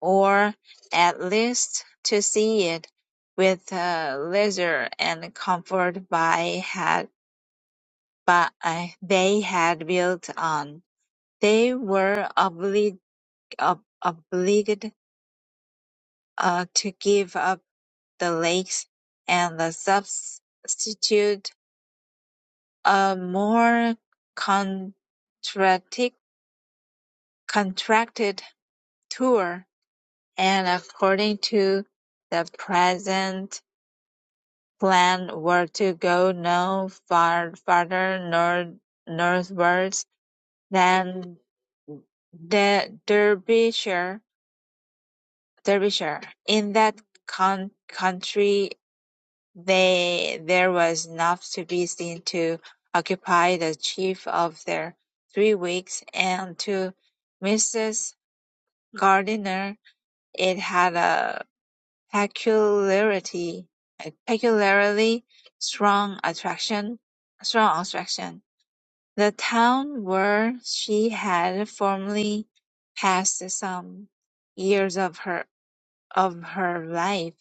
D: or at least to see it with uh, leisure and comfort by had by they had built on. They were oblig- ob- obliged uh, to give up the lakes and the substitute a more contracti- contracted tour, and according to the present plan were to go no far farther north northwards than the Derbyshire. Derbyshire. In that coun- country They, there was enough to be seen to occupy the chief of their three weeks, and to Mrs. Gardiner it had a peculiarity, a peculiarly strong attraction, strong attraction. The town where she had formerly passed some years of her of her life,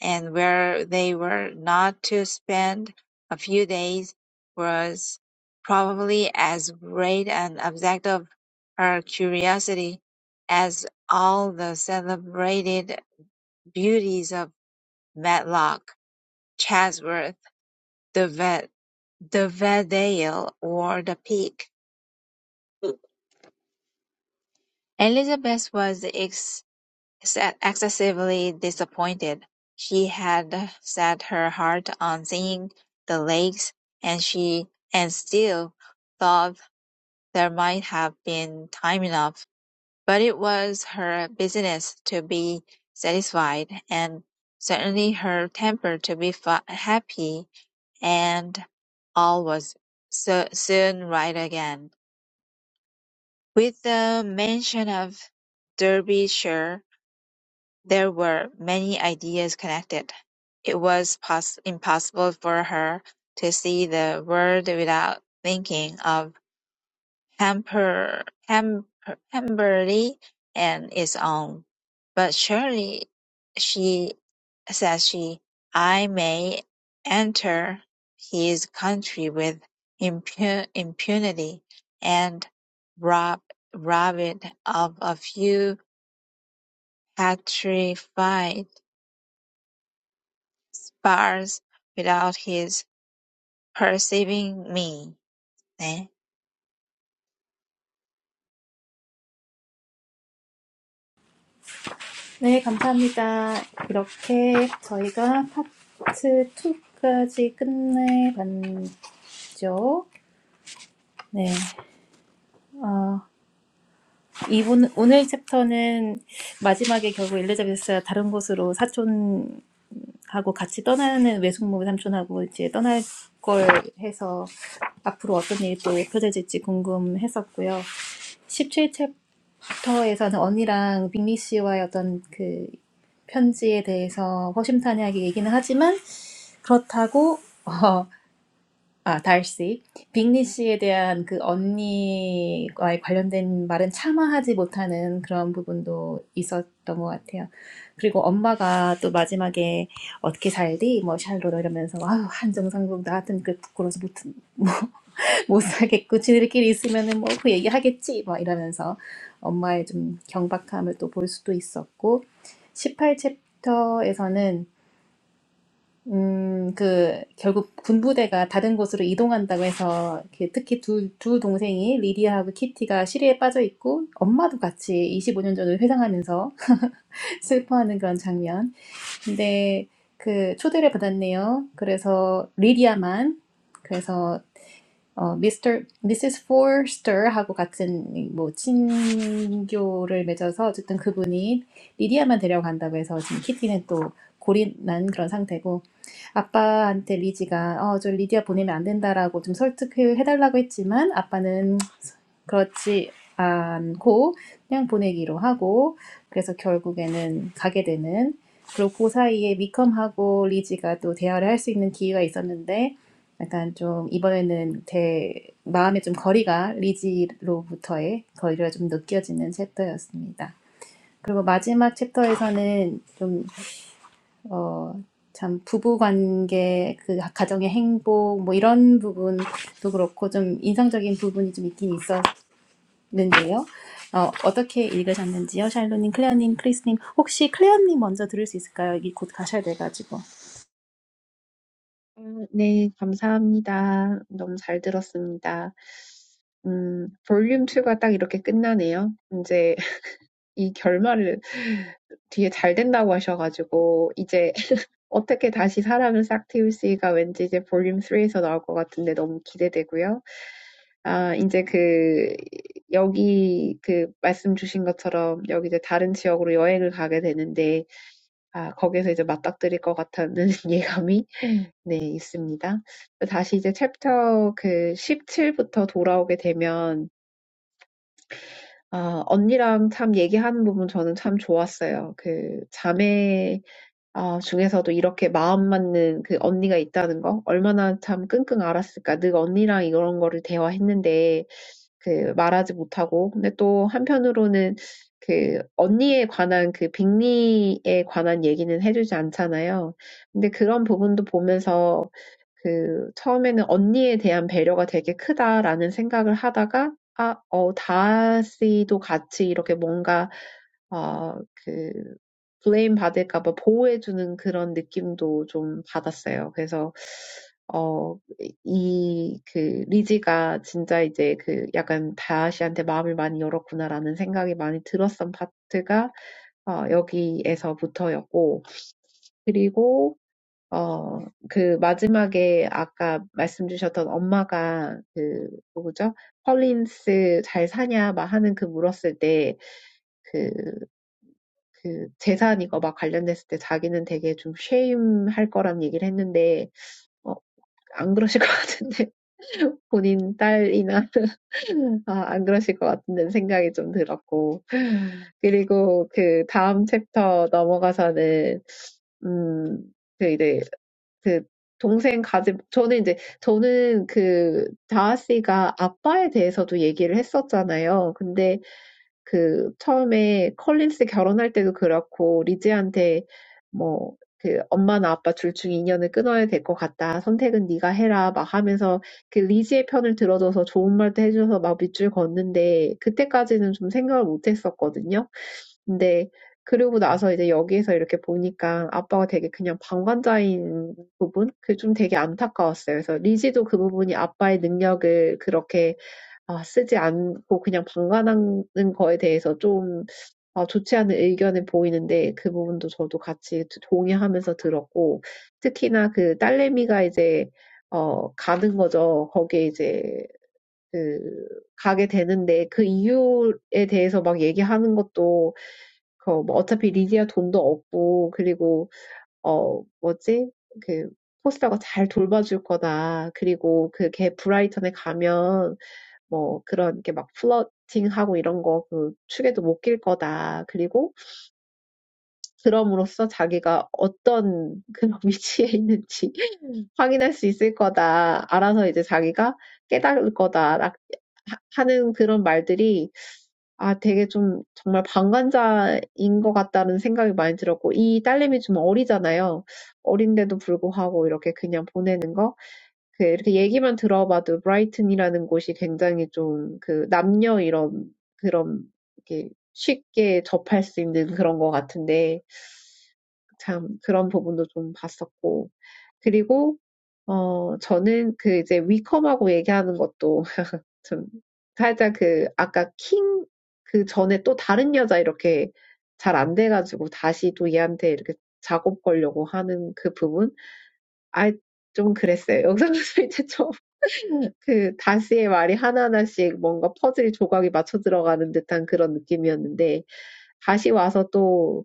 D: and where they were not to spend a few days was probably as great an object of her curiosity as all the celebrated beauties of Matlock, Chatsworth, the Vet, the Vedale, or the Peak. Elizabeth was ex. Ex- Excessively disappointed, she had set her heart on seeing the lakes, and she and still thought there might have been time enough, but it was her business to be satisfied, and certainly her temper to be fa- happy, and all was so soon right again. With the mention of Derbyshire, There were many ideas connected; it was pos- impossible for her to see the world without thinking of Hamper, Hamper, Pemberley and its own. "But surely," she says she, "I may enter his country with impu- impunity, and rob rob it of a few petrified sparse without his perceiving me. 네.
A: 네, 감사합니다. 이렇게 저희가 파트 2까지 끝내봤죠. 네, 어, 이분, 오늘 챕터는 마지막에 결국 엘리자베스가 다른 곳으로 사촌하고 같이 떠나는 외숙모 삼촌하고 이제 떠날 걸 해서 앞으로 어떤 일이 또 펼쳐질지 궁금했었고요. 17챕터에서는 언니랑 빅리 씨와의 어떤 그 편지에 대해서 허심탄회하게 얘기는 하지만 그렇다고 어, 아 달씨 빅리 씨에 대한 그 언니와의 관련된 말은 참아하지 못하는 그런 부분도 있었던 것 같아요. 그리고 엄마가 또 마지막에 어떻게 살디 뭐 샬로로 이러면서 아유 한정상국 나 같은 그 부끄러워서 못 못 사겠고 지들끼리 있으면은 뭐 그 얘기하겠지 막 이러면서 엄마의 좀 경박함을 또 볼 수도 있었고 18챕터에서는 음, 그 결국 군부대가 다른 곳으로 이동한다고 해서 이렇게 특히 두, 두 동생이 리디아하고 키티가 시리에 빠져 있고 엄마도 같이 25년 전을 회상하면서 슬퍼하는 그런 장면. 근데 그 초대를 받았네요. 그래서 리디아만 그래서 어, 미스터, 미시스 포스터하고 같은 뭐 친교를 맺어서 어쨌든 그분이 리디아만 데려간다고 해서 지금 키티는 또 고린난 그런 상태고 아빠한테 리지가 어, 저 리디아 보내면 안 된다라고 좀 설득해달라고 했지만 아빠는 그렇지 않고 그냥 보내기로 하고 그래서 결국에는 가게 되는 그리고 그 사이에 미컴하고 리지가 또 대화를 할 수 있는 기회가 있었는데 약간 좀 이번에는 제 마음의 좀 거리가 리지로부터의 거리가 좀 느껴지는 챕터였습니다. 그리고 마지막 챕터에서는 좀, 어, 참 부부 관계, 그 가정의 행복, 뭐 이런 부분도 그렇고 좀 인상적인 부분이 좀 있긴 있었는데요. 어, 어떻게 읽으셨는지요? 샬로님, 클레어님, 크리스님. 혹시 클레어님 먼저 들을 수 있을까요? 여기 곧 가셔야 돼가지고.
C: 음, 네, 감사합니다. 너무 잘 들었습니다. 음, 볼륨 2가 딱 이렇게 끝나네요. 이제 이 결말을 뒤에 잘 된다고 하셔가지고 이제 어떻게 다시 사람을 싹 틔울지가 왠지 이제 볼륨 3에서 나올 것 같은데 너무 기대되고요. 아, 이제 그 여기 그 말씀 주신 것처럼 여기 이제 다른 지역으로 여행을 가게 되는데 아, 거기에서 이제 맞닥뜨릴 것 같다는 예감이 네, 있습니다. 다시 이제 챕터 그 17부터 돌아오게 되면 아 언니랑 참 얘기하는 부분 저는 참 좋았어요. 그 자매 아 중에서도 이렇게 마음 맞는 그 언니가 있다는 거 얼마나 참 끙끙 앓았을까. 늘 언니랑 이런 거를 대화했는데 그 말하지 못하고 근데 또 한편으로는 그 언니에 관한 그 빅리에 관한 얘기는 해주지 않잖아요. 근데 그런 부분도 보면서 그 처음에는 언니에 대한 배려가 되게 크다라는 생각을 하다가 아, 어, 다씨도 같이 이렇게 뭔가 어, 그 블레임 받을까 봐 보호해 주는 그런 느낌도 좀 받았어요. 그래서 어, 이, 그, 리지가 진짜 이제 그 약간 다시한테 마음을 많이 열었구나라는 생각이 많이 들었던 파트가 어, 여기에서부터였고, 그리고 어, 그 마지막에 아까 말씀 주셨던 엄마가 그 누구죠? 펄린스 잘 사냐 막 하는 그 물었을 때 그, 그 재산 이거 막 관련됐을 때 자기는 되게 좀 쉐임할 거란 얘기를 했는데 어, 안 그러실 것 같은데 본인 딸이나 아, 안 그러실 것 같은 생각이 좀 들었고 그리고 그 다음 챕터 넘어가서는 음, 그 이제 그 동생 가진 저는 이제 저는 그 다하 씨가 아빠에 대해서도 얘기를 했었잖아요. 근데 그 처음에 컬린스 결혼할 때도 그렇고 리즈한테 뭐그 엄마나 아빠 둘 중 인연을 끊어야 될것 같다. 선택은 네가 해라. 막 하면서 그 리즈의 편을 들어줘서 좋은 말도 해줘서 막 밑줄 걷는데 그때까지는 좀 생각을 못 했었거든요. 근데 그러고 나서 이제 여기에서 이렇게 보니까 아빠가 되게 그냥 방관자인 부분? 그게 좀 되게 안타까웠어요. 그래서 리지도 그 부분이 아빠의 능력을 그렇게 아, 쓰지 않고 그냥 방관하는 거에 대해서 좀 아, 좋지 않은 의견을 보이는데 그 부분도 저도 같이 동의하면서 들었고 특히나 그 딸내미가 이제 어, 가는 거죠. 거기에 이제 그 가게 되는데 그 이유에 대해서 막 얘기하는 것도 그뭐 어차피 리디아 돈도 없고 그리고 어 뭐지? 그 포스터가 잘 돌봐줄 거다. 그리고 그 그걔 브라이턴에 가면 뭐 그런 게막 플러팅하고 이런 거그 축에도 못 낄 거다. 그리고 그럼으로써 자기가 어떤 그런 위치에 있는지 확인할 수 있을 거다. 알아서 이제 자기가 깨달을 거다. 라- 하- 하는 그런 말들이 아 되게 좀 정말 방관자인 것 같다는 생각이 많이 들었고 이 딸내미 좀 어리잖아요. 어린데도 불구하고 이렇게 그냥 보내는 거. 그 이렇게 얘기만 들어봐도 브라이튼이라는 곳이 굉장히 좀그 남녀 이런 그런 이렇게 쉽게 접할 수 있는 그런 것 같은데 참 그런 부분도 좀 봤었고 그리고 어 저는 그 이제 위컴하고 얘기하는 것도 참 살짝 그 아까 킹 그 전에 또 다른 여자 이렇게 잘안 돼가지고 다시 또 얘한테 이렇게 작업 걸려고 하는 그 부분? 아, 좀 그랬어요. 영상에서 이제 좀그 다스의 말이 하나하나씩 뭔가 퍼즐 조각이 맞춰 들어가는 듯한 그런 느낌이었는데 다시 와서 또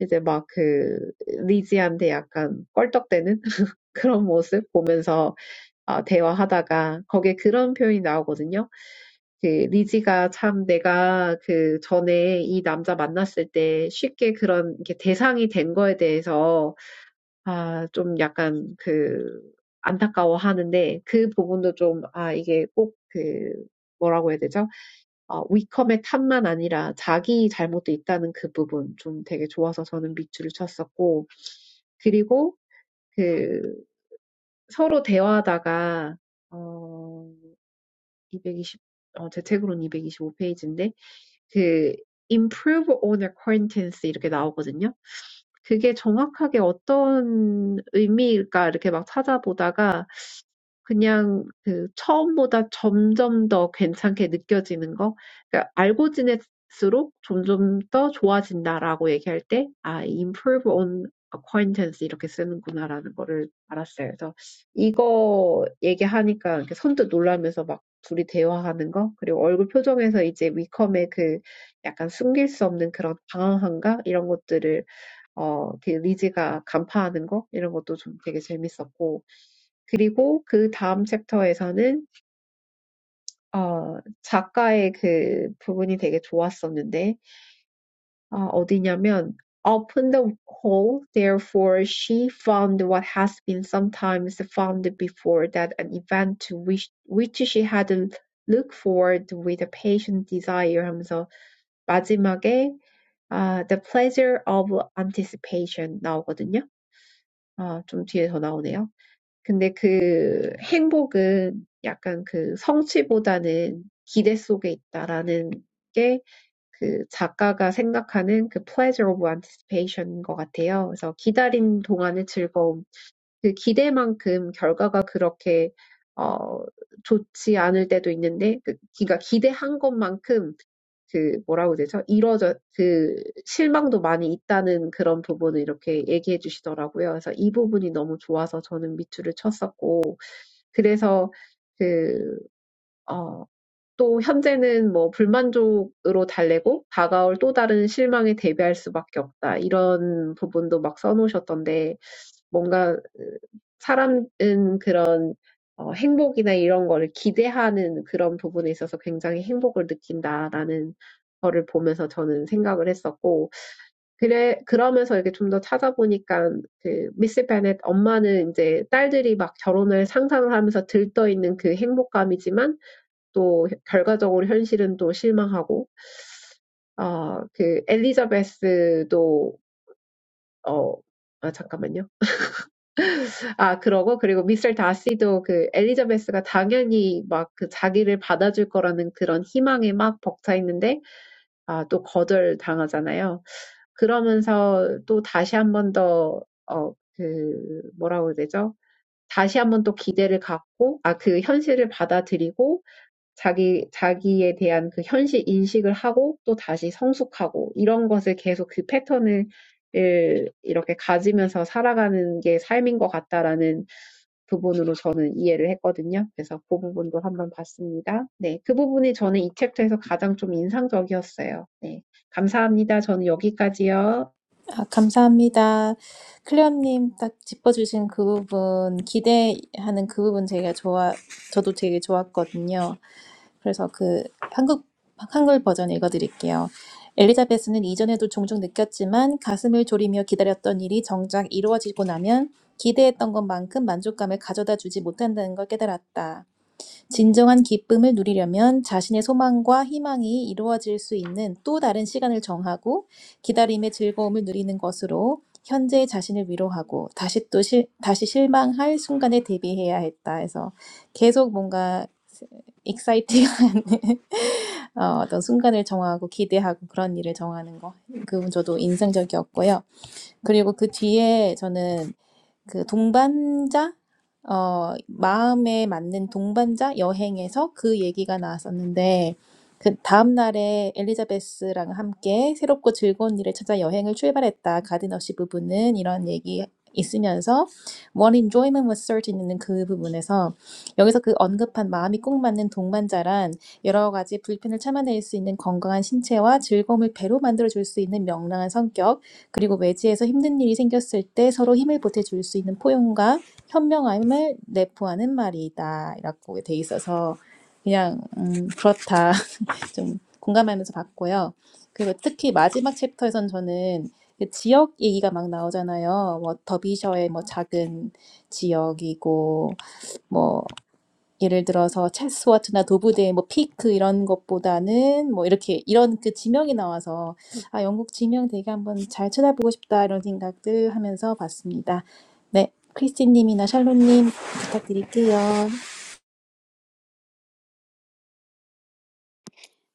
C: 이제 막 그 리지한테 약간 껄떡대는 그런 모습 보면서 어, 대화하다가 거기에 그런 표현이 나오거든요. 그 리지가 참 내가 그 전에 이 남자 만났을 때 쉽게 그런 이렇게 대상이 된 거에 대해서 아, 좀 약간 그 안타까워하는데 그 부분도 좀 아, 이게 꼭그 뭐라고 해야 되죠? 어, 위컴의 탓만 아니라 자기 잘못도 있다는 그 부분 좀 되게 좋아서 저는 밑줄을 쳤었고, 그리고 그 서로 대화하다가, 어, 220, 어, 제 책으로는 이백이십오 페이지인데 그 improve on acquaintance 이렇게 나오거든요. 그게 정확하게 어떤 의미일까 이렇게 막 찾아보다가 그냥 그 처음보다 점점 더 괜찮게 느껴지는 거. 그러니까 알고 지낼수록 점점 더 좋아진다라고 얘기할 때, 아, improve on acquaintance 이렇게 쓰는구나라는 거를 알았어요. 그래서 이거 얘기하니까 이렇게 선뜻 놀라면서 막 둘이 대화하는 거, 그리고 얼굴 표정에서 이제 위컴의 그 약간 숨길 수 없는 그런 방황함과 이런 것들을 어, 그 리즈가 간파하는 거 이런 것도 좀 되게 재밌었고 그리고 그 다음 챕터에서는 어, 작가의 그 부분이 되게 좋았었는데 아, 어디냐면 "Open the hole, therefore she found what has been sometimes found before that an event to which, which she had looked forward with a patient desire 하면서 마지막에 아, the pleasure of anticipation 나오거든요. 아, 좀 뒤에 더 나오네요. 근데 그 행복은 약간 그 성취보다는 기대 속에 있다라는 게그 작가가 생각하는 그 pleasure of anticipation인 것 같아요. 그래서 기다린 동안의 즐거움 그 기대만큼 결과가 그렇게 어 좋지 않을 때도 있는데 그 그러니까 기대한 것만큼 그 뭐라고 해야 되죠? 이뤄져 그 실망도 많이 있다는 그런 부분을 이렇게 얘기해 주시더라고요. 그래서 이 부분이 너무 좋아서 저는 밑줄을 쳤었고 그래서 또 현재는 뭐 불만족으로 달래고 다가올 또 다른 실망에 대비할 수밖에 없다. 이런 부분도 막 써놓으셨던데 뭔가 사람은 그런 어, 행복이나 이런 거를 기대하는 그런 부분에 있어서 굉장히 행복을 느낀다라는 거를 보면서 저는 생각을 했었고 그래 그러면서 이렇게 좀더 찾아보니까 그 미스 베넷 엄마는 이제 딸들이 막 결혼을 상상을 하면서 들떠있는 그 행복감이지만 또 결과적으로 현실은 또 실망하고, 어, 그 엘리자베스도 어, 아 잠깐만요. 아 그러고 그리고 미스터 다시도 그 엘리자베스가 당연히 막그 자기를 받아줄 거라는 그런 희망에 막 벅차 있는데 아, 또 거절 당하잖아요. 그러면서 또 다시 한번더 어, 그 뭐라고 해야 되죠? 다시 한번또 기대를 갖고 아, 그 현실을 받아들이고 자기, 자기에 대한 그 현실 인식을 하고 또 다시 성숙하고 이런 것을 계속 그 패턴을 이렇게 가지면서 살아가는 게 삶인 것 같다라는 부분으로 저는 이해를 했거든요. 그래서 그 부분도 한번 봤습니다. 네. 그 부분이 저는 이 챕터에서 가장 좀 인상적이었어요. 네. 감사합니다. 저는 여기까지요.
A: 아, 감사합니다. 클레어님 딱 짚어주신 그 부분, 기대하는 그 부분 제가 좋아, 저도 되게 좋았거든요. 그래서 그 한국, 한글 버전 읽어드릴게요. 엘리자베스는 이전에도 종종 느꼈지만 가슴을 졸이며 기다렸던 일이 정작 이루어지고 나면 기대했던 것만큼 만족감을 가져다 주지 못한다는 걸 깨달았다. 진정한 기쁨을 누리려면 자신의 소망과 희망이 이루어질 수 있는 또 다른 시간을 정하고 기다림의 즐거움을 누리는 것으로 현재의 자신을 위로하고 다시 또 실, 다시 실망할 순간에 대비해야 했다 해서 계속 뭔가 익사이팅한 어, 어떤 순간을 정하고 기대하고 그런 일을 정하는 거. 그분 저도 인상적이었고요. 그리고 그 뒤에 저는 그 동반자 어 마음에 맞는 동반자 여행에서 그 얘기가 나왔었는데 그 다음 날에 엘리자베스랑 함께 새롭고 즐거운 일을 찾아 여행을 출발했다. 가든어시 부부는 이런 얘기 있으면서 one enjoyment was certain 있는 그 부분에서 여기서 그 언급한 마음이 꼭 맞는 동반자란 여러 가지 불편을 참아낼 수 있는 건강한 신체와 즐거움을 배로 만들어 줄 수 있는 명랑한 성격 그리고 외지에서 힘든 일이 생겼을 때 서로 힘을 보태줄 수 있는 포용과 현명함을 내포하는 말이다. 이라고 돼 있어서 그냥 음, 그렇다. 좀 공감하면서 봤고요. 그리고 특히 마지막 챕터에선 저는 지역 얘기가 막 나오잖아요. 뭐 더비셔의 뭐 작은 지역이고 뭐 예를 들어서 체스워트나 도브대, 뭐 피크 이런 것보다는 뭐 이렇게 이런 그 지명이 나와서 아 영국 지명 되게 한번 잘 쳐다보고 싶다 이런 생각들 하면서 봤습니다. 네, 크리스티님이나 샬롯님 부탁드릴게요.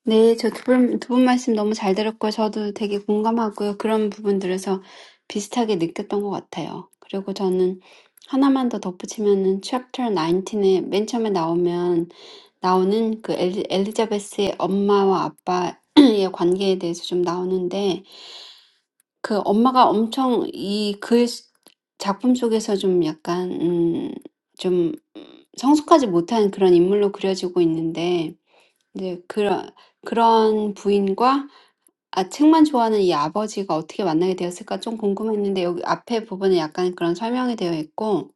B: 네, 저 두 분, 두 분 말씀 너무 잘 들었고요. 저도 되게 공감하고요. 그런 부분들에서 비슷하게 느꼈던 것 같아요. 그리고 저는 하나만 더 덧붙이면은 챕터 19에 맨 처음에 나오면 나오는 그 엘리, 엘리자베스의 엄마와 아빠의 관계에 대해서 좀 나오는데 그 엄마가 엄청 이글 작품 속에서 좀 약간 음, 좀 성숙하지 못한 그런 인물로 그려지고 있는데 이제 그런 그런 부인과 아 책만 좋아하는 이 아버지가 어떻게 만나게 되었을까 좀 궁금했는데 여기 앞에 부분에 약간 그런 설명이 되어 있고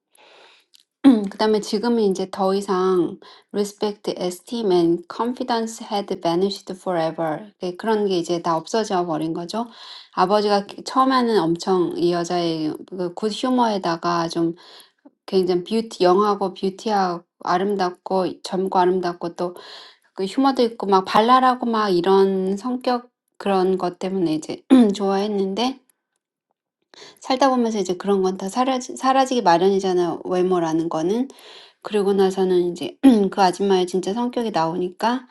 B: 그다음에 지금은 이제 더 이상 respect, esteem and confidence had vanished forever. 네, 그런 게 이제 다 없어져 버린 거죠. 아버지가 처음에는 엄청 이 여자의 그굿 휴머에다가 좀 굉장히 뷰티, 영하고 뷰티하고 아름답고 젊고 아름답고 또 그 휴머도 있고 막 발랄하고 막 이런 성격 그런 것 때문에 이제 좋아했는데 살다 보면서 이제 그런 건다 사라지, 사라지기 마련이잖아요. 외모라는 거는. 그리고 나서는 이제 그 아줌마의 진짜 성격이 나오니까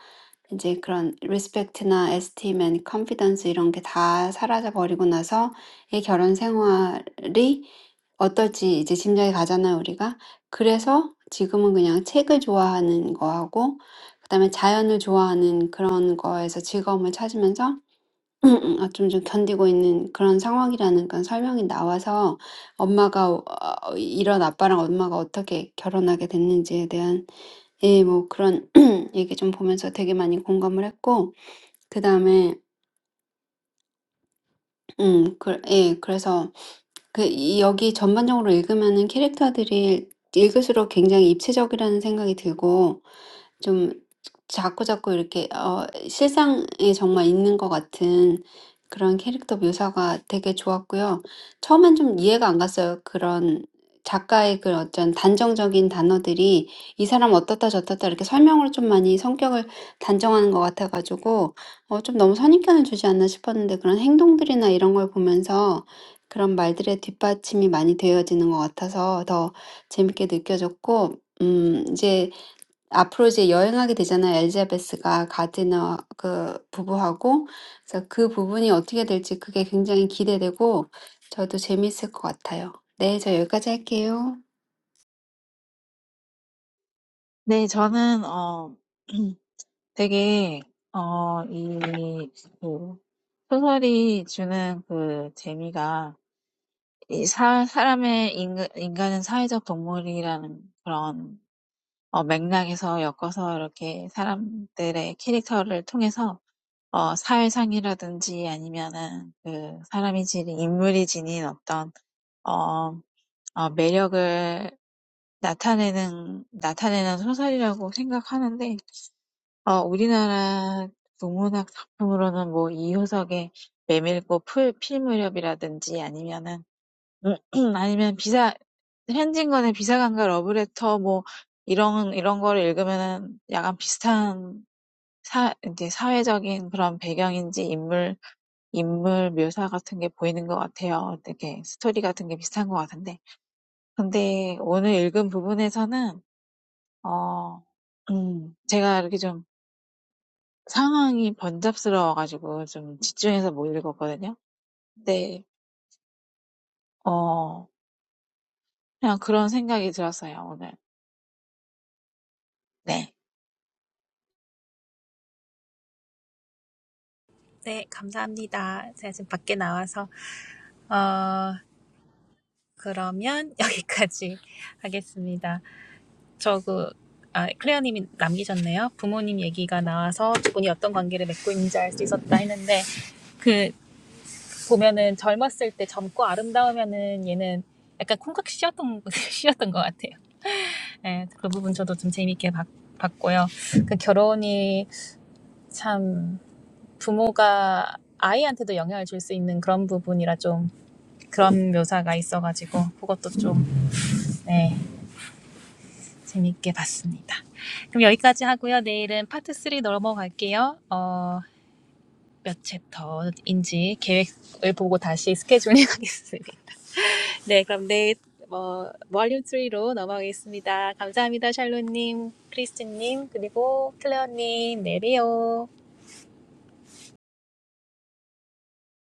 B: 이제 그런 리스펙트나 에스팀 앤 컨피던스 이런 게다 사라져 버리고 나서 이 결혼 생활이 어떨지 이제 짐작이 가잖아요, 우리가. 그래서 지금은 그냥 책을 좋아하는 거하고 그다음에 자연을 좋아하는 그런 거에서 즐거움을 찾으면서 어좀좀 견디고 있는 그런 상황이라는 그런 설명이 나와서 엄마가 어 이런 아빠랑 엄마가 어떻게 결혼하게 됐는지에 대한 예뭐 그런 얘기 좀 보면서 되게 많이 공감을 했고 그다음에 음그예 그래서 그이 여기 전반적으로 읽으면은 캐릭터들이 읽을수록 굉장히 입체적이라는 생각이 들고 좀 자꾸자꾸 이렇게 어 실상에 정말 있는 것 같은 그런 캐릭터 묘사가 되게 좋았고요. 처음엔 좀 이해가 안 갔어요. 그런 작가의 그 어떤 단정적인 단어들이 이 사람 어떻다 저떻다 이렇게 설명으로 좀 많이 성격을 단정하는 것 같아가지고 어좀 너무 선입견을 주지 않나 싶었는데 그런 행동들이나 이런 걸 보면서 그런 말들의 뒷받침이 많이 되어지는 것 같아서 더 재밌게 느껴졌고 음 이제 앞으로 이제 여행하게 되잖아요. 엘자베스가 가디너 그 부부하고. 그래서 그 부분이 어떻게 될지 그게 굉장히 기대되고 저도 재밌을 것 같아요. 네, 저 여기까지 할게요.
D: 네, 저는, 어, 되게, 어, 이, 그, 소설이 주는 그 재미가, 이 사, 사람의, 인간, 인간은 사회적 동물이라는 그런, 어, 맥락에서 엮어서 이렇게 사람들의 캐릭터를 통해서, 어, 사회상이라든지 아니면은 그 사람이 지닌, 인물이 지닌 어떤 어 어, 매력을 나타내는, 나타내는 소설이라고 생각하는데, 어, 우리나라 동문학 작품으로는 뭐 이효석의 메밀꽃 풀, 필 무렵이라든지 아니면은, 아니면 비사, 현진건의 비사관과 러브레터 뭐 이런, 이런 거를 읽으면은 약간 비슷한 사, 이제 사회적인 그런 배경인지 인물, 인물 묘사 같은 게 보이는 것 같아요. 되게 스토리 같은 게 비슷한 것 같은데. 근데 오늘 읽은 부분에서는 어, 음, 제가 이렇게 좀 상황이 번잡스러워가지고 좀 집중해서 못 읽었거든요. 근데 어, 그냥 그런 생각이 들었어요, 오늘. 네.
A: 네, 감사합니다. 제가 지금 밖에 나와서, 어, 그러면 여기까지 하겠습니다. 저 그, 아, 클레어님이 남기셨네요. 부모님 얘기가 나와서 두 분이 어떤 관계를 맺고 있는지 알 수 있었다 했는데, 그. 보면은 젊었을 때 젊고 아름다우면은 얘는 약간 콩깍 씌었던 씌었던 것 같아요. 네, 그 부분 저도 좀 재미있게 봤, 봤고요. 그 결혼이 참 부모가 아이한테도 영향을 줄 수 있는 그런 부분이라 좀 그런 묘사가 있어가지고 그것도 좀 네, 재미있게 봤습니다. 그럼 여기까지 하고요. 내일은 파트 3 넘어갈게요. 어, 몇 챕터인지 계획을 보고 다시 스케줄링 하겠습니다. 네, 그럼 네, 어, 볼륨 3로 넘어가겠습니다. 감사합니다, 샬롯님, 크리스틴님, 그리고 클레어님, 네리오.